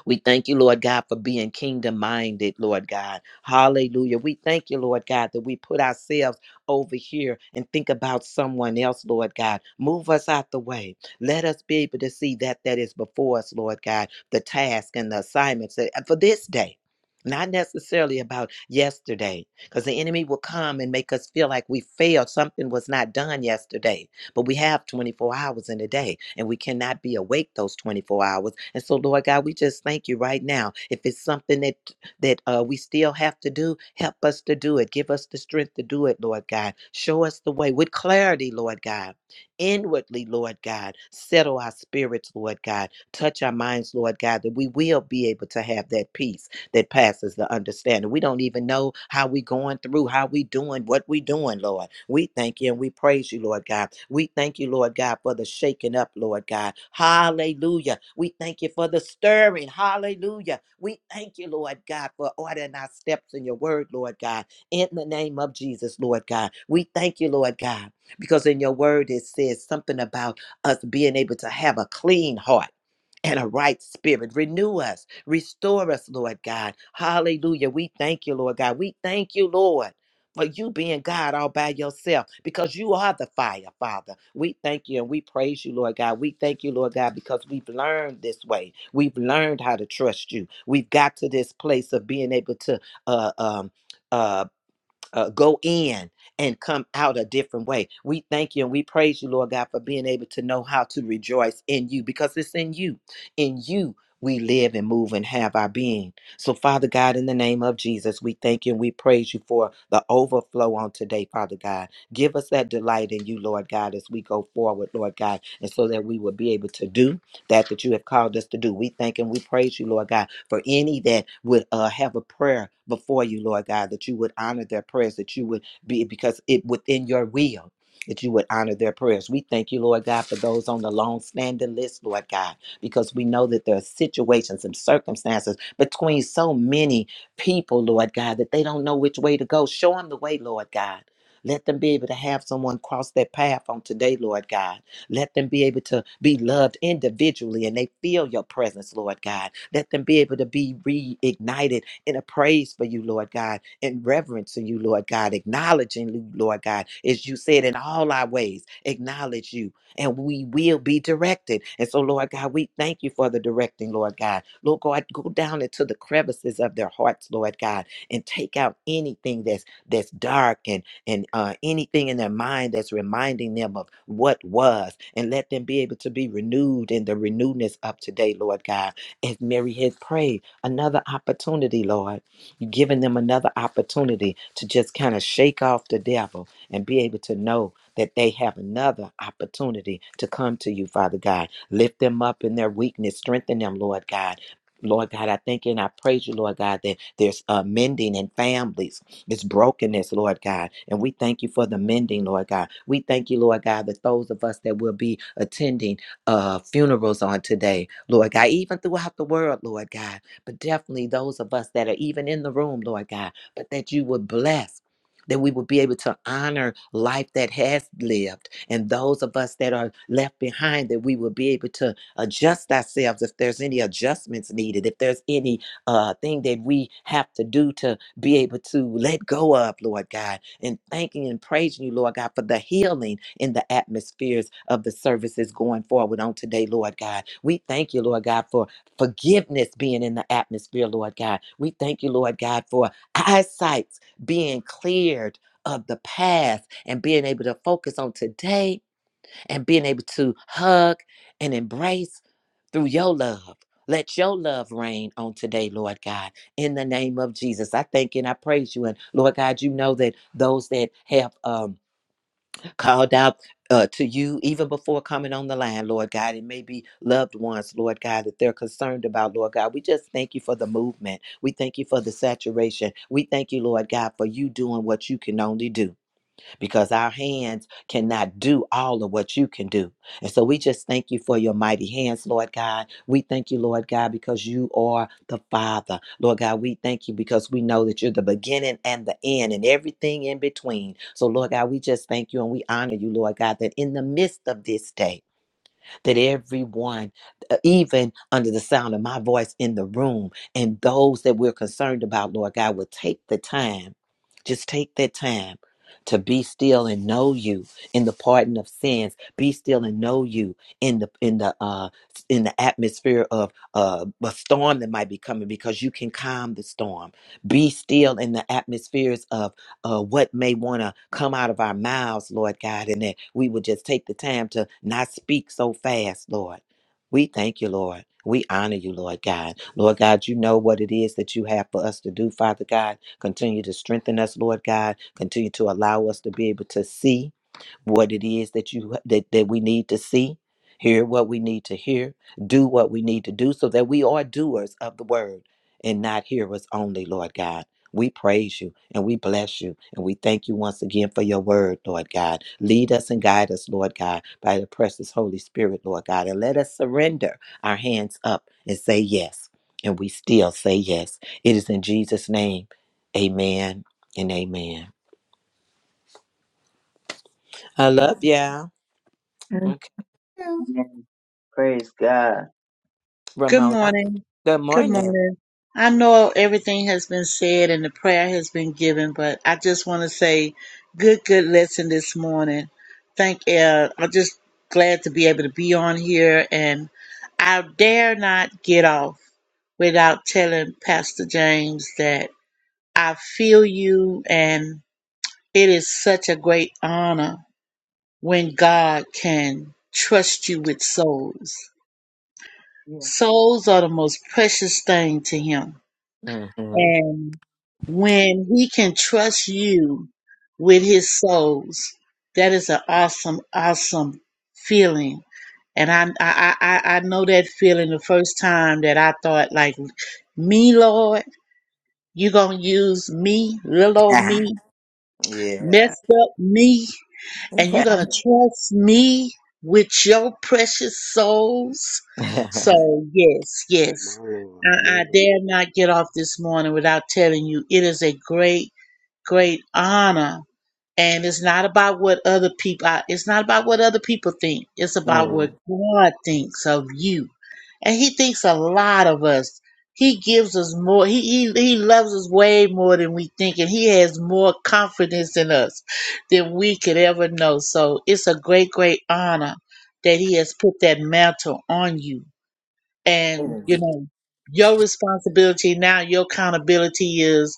Speaker 2: we thank you, Lord God, for being kingdom minded, Lord God. Hallelujah. We thank you, Lord God, that we put ourselves over here and think about someone else, Lord God. Move us out the way. Let us be able to see that that is before us, Lord God, the task and the assignments that, for this day. Not necessarily about yesterday, because the enemy will come and make us feel like we failed, something was not done yesterday but we have 24 hours in a day and we cannot be awake those 24 hours. And so, Lord God, we just thank you right now. If it's something that that uh, we still have to do, help us to do it. Give us the strength to do it, Lord God. Show us the way with clarity, Lord God. Inwardly, Lord God, settle our spirits, Lord God. Touch our minds, Lord God, that we will be able to have that peace that passes the understanding. We don't even know how we going through, how we doing, what we doing, Lord. We thank you and we praise you, Lord God. We thank you, Lord God, for the shaking up, Lord God. Hallelujah. We thank you for the stirring. Hallelujah. We thank you, Lord God, for ordering our steps in your word, Lord God. In the name of Jesus, Lord God. We thank you, Lord God, because in your word it says something about us being able to have a clean heart and a right spirit. Renew us, restore us, Lord God. Hallelujah. We thank you, Lord God. We thank you, Lord. For you being God all by yourself, because you are the fire, Father. We thank you and we praise you, Lord God. We thank you, Lord God, because we've learned this way. We've learned how to trust you. We've got to this place of being able to uh, um, uh, uh, go in and come out a different way. We thank you and we praise you, Lord God, for being able to know how to rejoice in you because it's in you. In you, we live and move and have our being. So, Father God, in the name of Jesus, we thank you and we praise you for the overflow on today, Father God. Give us that delight in you, Lord God, as we go forward, Lord God, and so that we will be able to do that that you have called us to do. We thank and we praise you, Lord God, for any that would uh, have a prayer before you, Lord God, that you would honor their prayers, that you would be because it within your will. That you would honor their prayers. We thank you, Lord God, for those on the long standing list, Lord God, because we know that there are situations and circumstances between so many people, Lord God, that they don't know which way to go. Show them the way, Lord God. Let them be able to have someone cross their path on today, Lord God. Let them be able to be loved individually and they feel your presence, Lord God. Let them be able to be reignited in a praise for you, Lord God, in reverence to you, Lord God, acknowledging you, Lord God, as you said, in all our ways, acknowledge you and we will be directed. And so, Lord God, we thank you for the directing, Lord God. Lord God, go down into the crevices of their hearts, Lord God, and take out anything that's that's dark and and uh, anything in their mind that's reminding them of what was, and let them be able to be renewed in the renewedness of today, Lord God. As Mary had prayed, another opportunity, Lord. You've given them another opportunity to just kind of shake off the devil and be able to know that they have another opportunity to come to you, Father God. Lift them up in their weakness, strengthen them, Lord God. Lord God, I thank you and I praise you, Lord God, that there's uh, mending in families it's brokenness, Lord God. And we thank you for the mending, Lord God. We thank you, Lord God, that those of us that will be attending uh, funerals on today, Lord God, even throughout the world, Lord God, but definitely those of us that are even in the room, Lord God, but that you would bless. That we would be able to honor life that has lived, and those of us that are left behind, that we will be able to adjust ourselves if there's any adjustments needed, if there's any uh, thing that we have to do to be able to let go of, Lord God, and thanking and praising you, Lord God, for the healing in the atmospheres of the services going forward on today, Lord God. We thank you, Lord God, for forgiveness being in the atmosphere, Lord God. We thank you, Lord God, for eyesight being cleared of the past and being able to focus on today and being able to hug and embrace through your love. Let your love reign on today, Lord God, in the name of Jesus. I thank and I praise you. And Lord God, you know that those that have um, called out uh, to you even before coming on the line, Lord God, it may be loved ones, Lord God, that they're concerned about, Lord God. We just thank you for the movement. We thank you for the saturation. We thank you, Lord God, for you doing what you can only do because our hands cannot do all of what you can do. And so we just thank you for your mighty hands, Lord God. We thank you, Lord God, because you are the Father. Lord God, we thank you because we know that you're the beginning and the end and everything in between. So, Lord God, we just thank you and we honor you, Lord God, that in the midst of this day, that everyone, uh, even under the sound of my voice in the room, and those that we're concerned about, Lord God, will take the time, just take that time to be still and know you in the pardon of sins be still and know you in the in the uh in the atmosphere of uh a storm that might be coming because you can calm the storm be still in the atmospheres of uh, what may want to come out of our mouths, Lord God, and that we would just take the time to not speak so fast, Lord. We thank you, Lord. We honor you, Lord God. Lord God, you know what it is that you have for us to do, Father God. Continue to strengthen us, Lord God. Continue to allow us to be able to see what it is that you that, that we need to see hear what we need to hear do what we need to do so that we are doers of the word and not hearers only lord god we praise you and we bless you and we thank you once again for your word, Lord God. Lead us and guide us, Lord God, by the precious Holy Spirit, Lord God. And let us surrender our hands up and say yes. And we still say yes. It is in Jesus' name. Amen and amen. I love ya.
Speaker 1: Amen.
Speaker 2: Okay,
Speaker 3: Amen. Praise God.
Speaker 12: Good
Speaker 2: Ramona.
Speaker 12: morning.
Speaker 2: Good
Speaker 12: Good
Speaker 2: morning.
Speaker 12: morning. I know everything has been said and the prayer has been given, but I just want to say good, good lesson this morning. Thank uh I'm just glad to be able to be on here and I dare not get off without telling Pastor James that I feel you and it is such a great honor when God can trust you with souls
Speaker 3: Yeah.
Speaker 12: Souls are the most precious thing to him.
Speaker 2: hmm
Speaker 12: And when he can trust you with his souls, that is an awesome, awesome feeling. And I, I, I, I know that feeling the first time that I thought, like, me, Lord, you gonna use me, little old me,
Speaker 2: yeah.
Speaker 12: messed up me and you're going to trust me with your precious souls.
Speaker 2: Mhm.
Speaker 12: So, yes, yes.
Speaker 11: My Lord, my
Speaker 12: I, I
Speaker 11: Lord.
Speaker 12: dare not get off this morning without telling you it is a great, great honor and it's not about what other people I- it's not about what other people think. It's about what God thinks of you. And he thinks a lot of us. He gives us more he he, he loves us way more than we think and he has more confidence in us than we could ever know. So it's a great, great honor that he has put that mantle on you and, you know, your responsibility now, your accountability is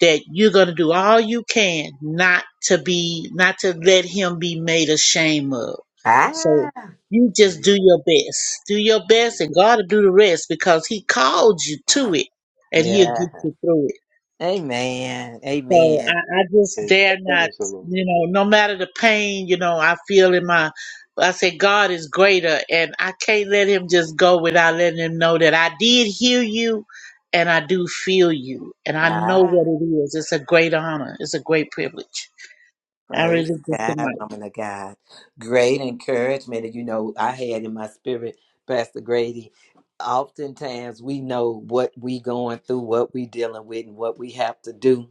Speaker 12: that you're going to do all you can not to be, not to let him be made ashamed of.
Speaker 2: ah,
Speaker 12: So you just do
Speaker 11: Amen.
Speaker 12: your best. Do your best
Speaker 11: Amen.
Speaker 12: and God will do the rest because he called you to it and he'll
Speaker 2: yeah.
Speaker 12: get you through it.
Speaker 2: Amen.
Speaker 12: So
Speaker 11: Amen.
Speaker 2: Amen.
Speaker 12: I, I just
Speaker 11: Thank you.
Speaker 12: dare not,
Speaker 11: Praise the Lord.
Speaker 12: you know, no matter the pain, you know, I feel in my, I say God is greater and I can't let him just go without letting him know that I did hear you and I do feel you and I know
Speaker 2: Ah,
Speaker 12: what it is. It's a great honor. It's a great privilege. I
Speaker 2: praise
Speaker 12: really just admire.
Speaker 2: God, woman of God. Great encouragement. And you know, I had in my spirit, Pastor Grady, oftentimes we know what we going through, what we dealing with, and what we have to do.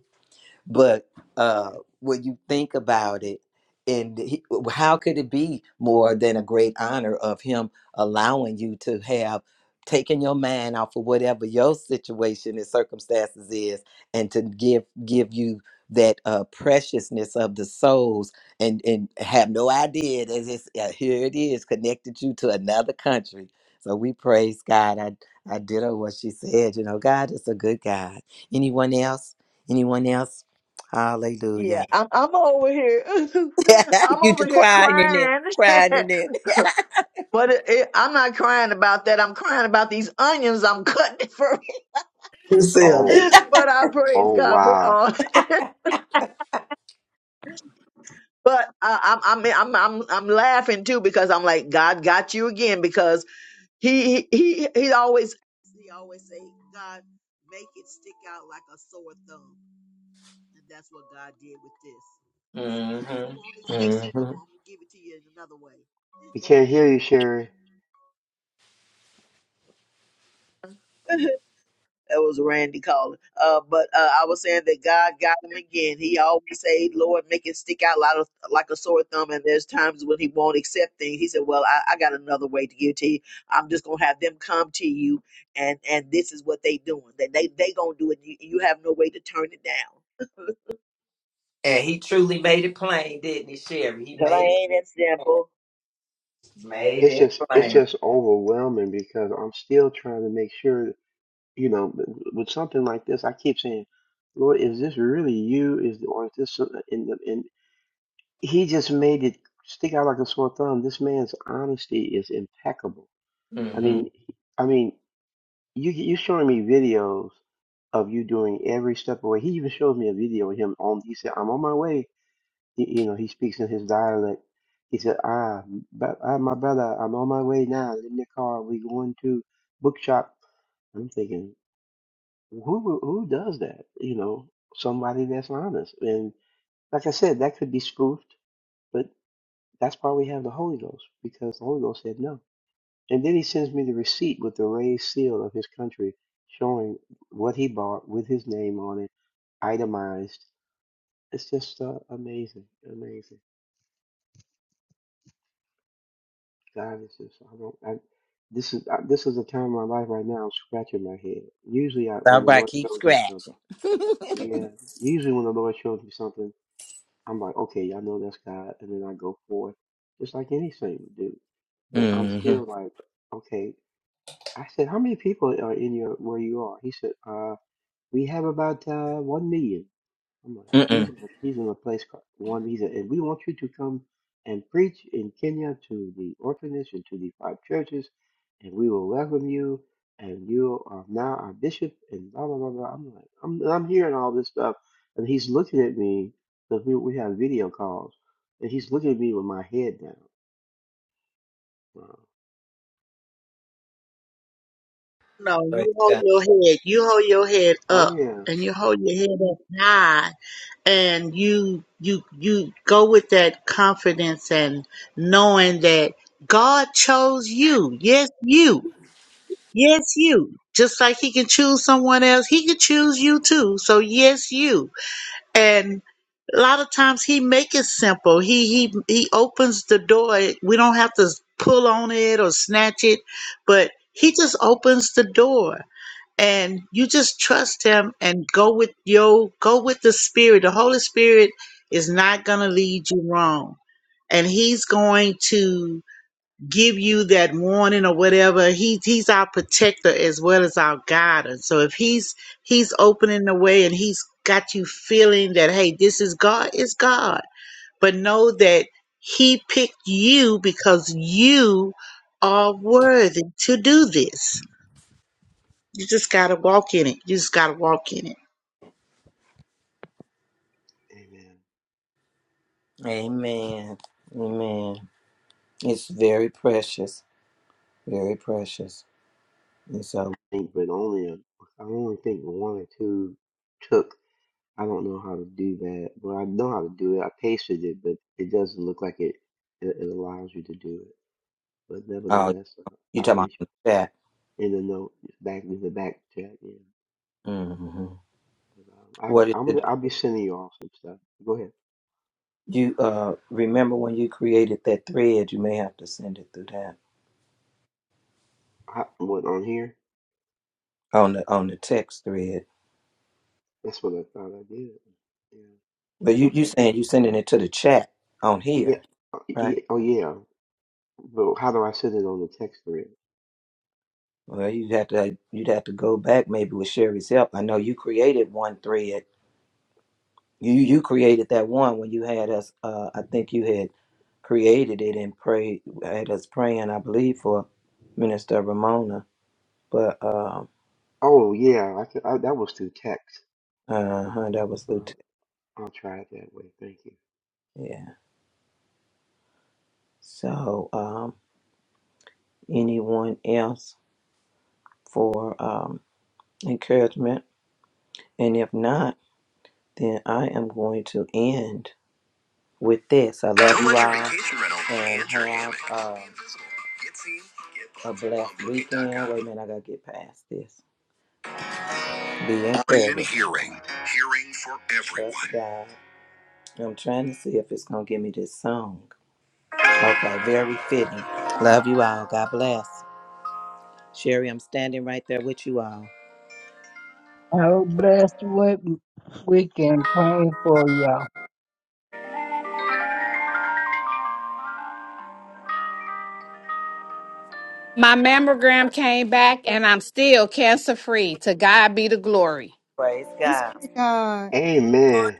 Speaker 2: But uh, when you think about it, and he, how could it be more than a great honor of him allowing you to have taken your mind off of whatever your situation and circumstances is, and to give give you that uh, preciousness of the souls, and and have no idea that it's, uh, here it is connected you to another country. So we praise God. I I did what she said. You know, God is a good God. Anyone else? Anyone else? Hallelujah.
Speaker 3: Yeah, I'm I'm over here. I'm
Speaker 2: you
Speaker 3: over
Speaker 2: to
Speaker 3: here
Speaker 2: crying in it,
Speaker 3: crying,
Speaker 2: crying in it.
Speaker 3: but it, it, I'm not crying about that. I'm crying about these onions I'm cutting for.
Speaker 2: You Silly.
Speaker 11: Oh,
Speaker 3: but I praise
Speaker 11: oh
Speaker 3: God for
Speaker 11: wow.
Speaker 3: all. but I, I'm I'm I'm I'm I'm laughing too because I'm like God got you again because He he he he always He always say, God, make it stick out like a sore thumb. And that's what God did with this. He said, well, if you won't
Speaker 2: Mm.
Speaker 3: accept it, I'm, I'm going to give it to you in another way.
Speaker 11: We can't hear you, Sherry.
Speaker 3: That was Randy calling. Uh, but uh, I was saying that God got him again. He always say, "Lord, make it stick out like a, like a sore thumb." And there's times when He won't accept things. He said, "Well, I, I got another way to give to you. I'm just gonna have them come to you, and and this is what they doing. That they they gonna do it. You, you have no way to turn it down.
Speaker 2: And he truly made it plain, didn't he, Sherry? He made it
Speaker 3: Plain and
Speaker 2: plain.
Speaker 3: simple.
Speaker 2: Made
Speaker 11: It's
Speaker 2: it
Speaker 11: just it's
Speaker 2: plain.
Speaker 11: just overwhelming because I'm still trying to make sure, you know, with with something like this, I keep saying, Lord, is this really you? Is or is this so- in the in he just made it stick out like a sore thumb. This man's honesty is impeccable I
Speaker 2: Mm-hmm.
Speaker 11: mean, I mean, you you showing me videos of you doing every step away. He even showed me a video of him on. He said, "I'm on my way." Y- You know, he speaks in his dialect. He said, "Ah, but ah, my brother, I'm on my way now. In the car, we going to bookshop." I'm thinking, who would- who does that? You know, somebody that's honest. And like I said, that could be spoofed, but that's why we have the Holy Ghost because the Holy Ghost said no. And then he sends me the receipt with the raised seal of his country showing what he bought with his name on it, itemized. It's just uh, amazing, amazing. God is just I don't I, this is I, this is a time in my life right now I'm scratching my head. Usually I
Speaker 2: All
Speaker 11: when the
Speaker 2: right,
Speaker 11: Lord
Speaker 2: keep
Speaker 11: shows me something,
Speaker 2: scratching.
Speaker 11: yeah. Usually when the Lord shows me something, I'm like, okay, I know that's God, and then I go forth, just like any saint would do. But I'm
Speaker 2: Mm-hmm.
Speaker 11: still like, okay. I said, how many people are in your where you are? He said, uh. We have about uh, one million. I'm like, he's
Speaker 2: Mm-mm.
Speaker 11: in a- he's in a place called one. He's a, and we want you to come and preach in Kenya to the orphanage and to the five churches, and we will welcome you. And you are now our bishop, and blah blah blah blah. I'm like, I'm I'm hearing all this stuff, and he's looking at me because we we have video calls, and he's looking at me with my head down. Uh,
Speaker 12: No,
Speaker 2: Right.
Speaker 12: you hold your head. You hold your head
Speaker 11: oh
Speaker 12: up,
Speaker 11: yeah,
Speaker 12: and you hold your head up high, and you you you go with that confidence and knowing that God chose you. Yes, you. Yes, you. Just like He can choose someone else, He could choose you too. So yes, you. And a lot of times He make it simple. He he he opens the door. We don't have to pull on it or snatch it, but He just opens the door and you just trust him and go with your go with the spirit the holy spirit is not going to lead you wrong and he's going to give you that warning or whatever he, he's our protector as well as our guide and so if he's he's opening the way and he's got you feeling that hey this is god it's god but know that he picked you because you are worthy to do this you just gotta walk in it. You just gotta walk in it.
Speaker 11: amen.
Speaker 2: Amen. Amen. It's very precious. Very precious. And so,
Speaker 11: Think, but only a, I only think one or two took. I don't know how to do that. Well, I know how to do it. I pasted it, but it doesn't look like it. It, it allows you to do it. But
Speaker 2: oh,
Speaker 11: nevertheless, uh,
Speaker 2: you
Speaker 11: I'll
Speaker 2: talking about
Speaker 11: reach
Speaker 2: in the chat?
Speaker 11: out in the note back in the back chat. Yeah,
Speaker 2: Mm-hmm.
Speaker 11: but, um,
Speaker 2: What is
Speaker 11: I, I'm
Speaker 2: it?
Speaker 11: I'll be sending you all some stuff. Go ahead.
Speaker 2: You uh, remember when you created that thread? You may have to send it through that.
Speaker 11: I, what on here?
Speaker 2: on the on the text thread.
Speaker 11: That's what I thought I did. Yeah.
Speaker 2: But you you
Speaker 11: Okay.
Speaker 2: saying you sending it to the chat on
Speaker 11: Yeah.
Speaker 2: here,
Speaker 11: Oh,
Speaker 2: right?
Speaker 11: yeah. Oh yeah. But how do I send it on the text thread?
Speaker 2: Well, you'd have to you'd have to go back maybe with Sherry's help. I know you created one thread. You you created that one when you had us. Uh, I think you had created it and prayed had us praying. I believe for Minister Ramona, but um,
Speaker 11: Oh yeah. I, could, I that was through text.
Speaker 2: uh, huh, that was
Speaker 11: So
Speaker 2: Lieutenant.
Speaker 11: I, I'll try it that way. Thank you.
Speaker 2: Yeah. So um, anyone else for um encouragement? And if not. Then I am going to end with this. I love you all. and have uh, a blessed weekend. Wait a minute, I gotta get past this. Be in Present hearing, hearing for everyone. Yes, God. I'm trying to see if it's gonna give me this song. Okay, very fitting. Love you all. God bless. Sherry, I'm standing right there with you all.
Speaker 5: Have a blessed week- weekend. Praying for y'all.
Speaker 13: My mammogram came back and I'm still cancer free. To God be the glory.
Speaker 2: Praise
Speaker 1: Thanks
Speaker 2: God.
Speaker 1: be to God.
Speaker 11: Amen.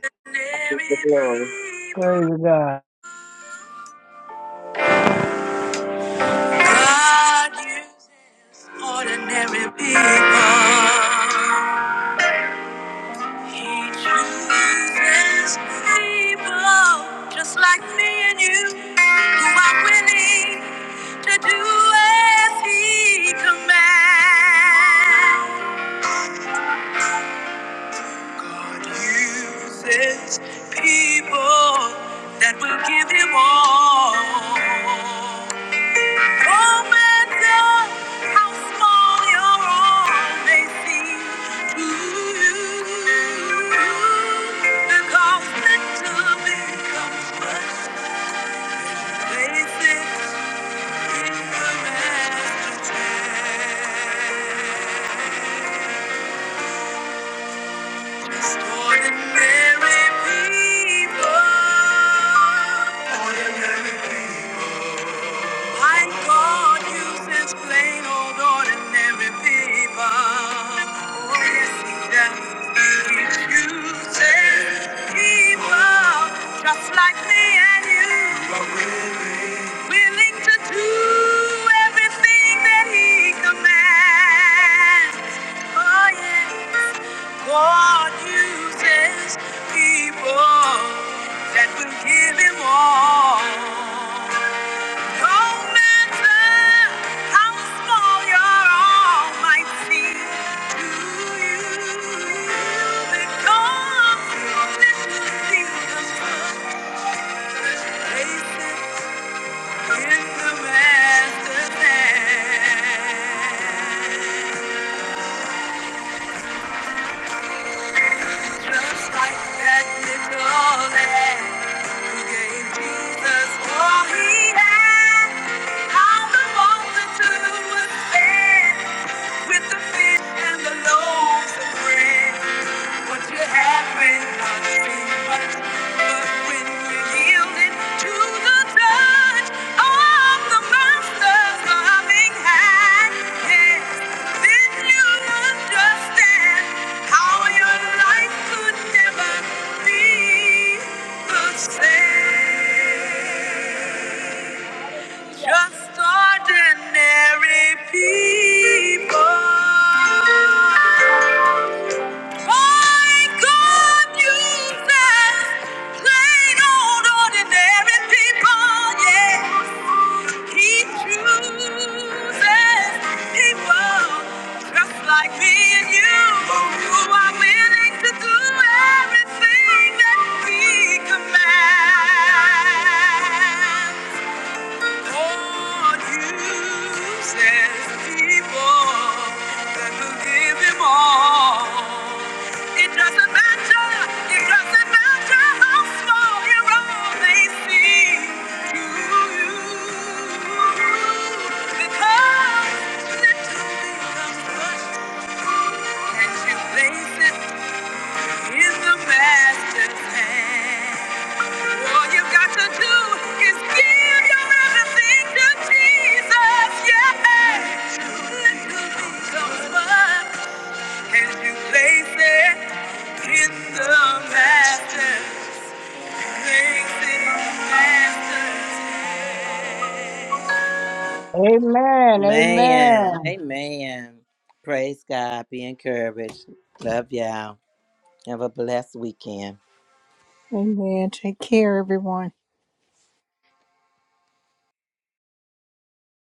Speaker 3: I give the glory.
Speaker 2: people.
Speaker 5: Praise God.
Speaker 2: God uses ordinary people. He chooses people just like me and you who are willing to do as He commands. God uses people that will give him all. No matter how small your all may seem to you, because little becomes much. Place it in the master's hand. Ordinary people. Ordinary people. My God uses plain old ordinary people. Oh, yes, He does. He chooses people just like me and you. willing. Willing to do everything that He commands. Oh, yes. God uses people that will give him all. No matter how small your arm might seem to you, because you lift Jesus up, place it in the master's hand. Just like that little lamb who gave Jesus all he had. How the multitude was fed with the fish and the loaves of bread. What you have may not seem much, but when you're yielding to the touch of the Master's loving hand, yes, then you understand how your life could never be the same. Just ordinary people. My God uses plain old ordinary people. Yes, He chooses people just like me and you who are willing to do everything that we command. God uses people that will give him all. It doesn't matter, it doesn't matter how small your role may seem to you. Because little becomes much. And you place it in the master's hand. All you've got to do is give your everything to Jesus. Yeah. Little becomes much as you place it in the master. Place it in the master's hand.
Speaker 5: Amen. Amen.
Speaker 2: Man, amen. Praise God. Be encouraged. Love y'all. Have a blessed weekend.
Speaker 1: Amen. Take care, everyone.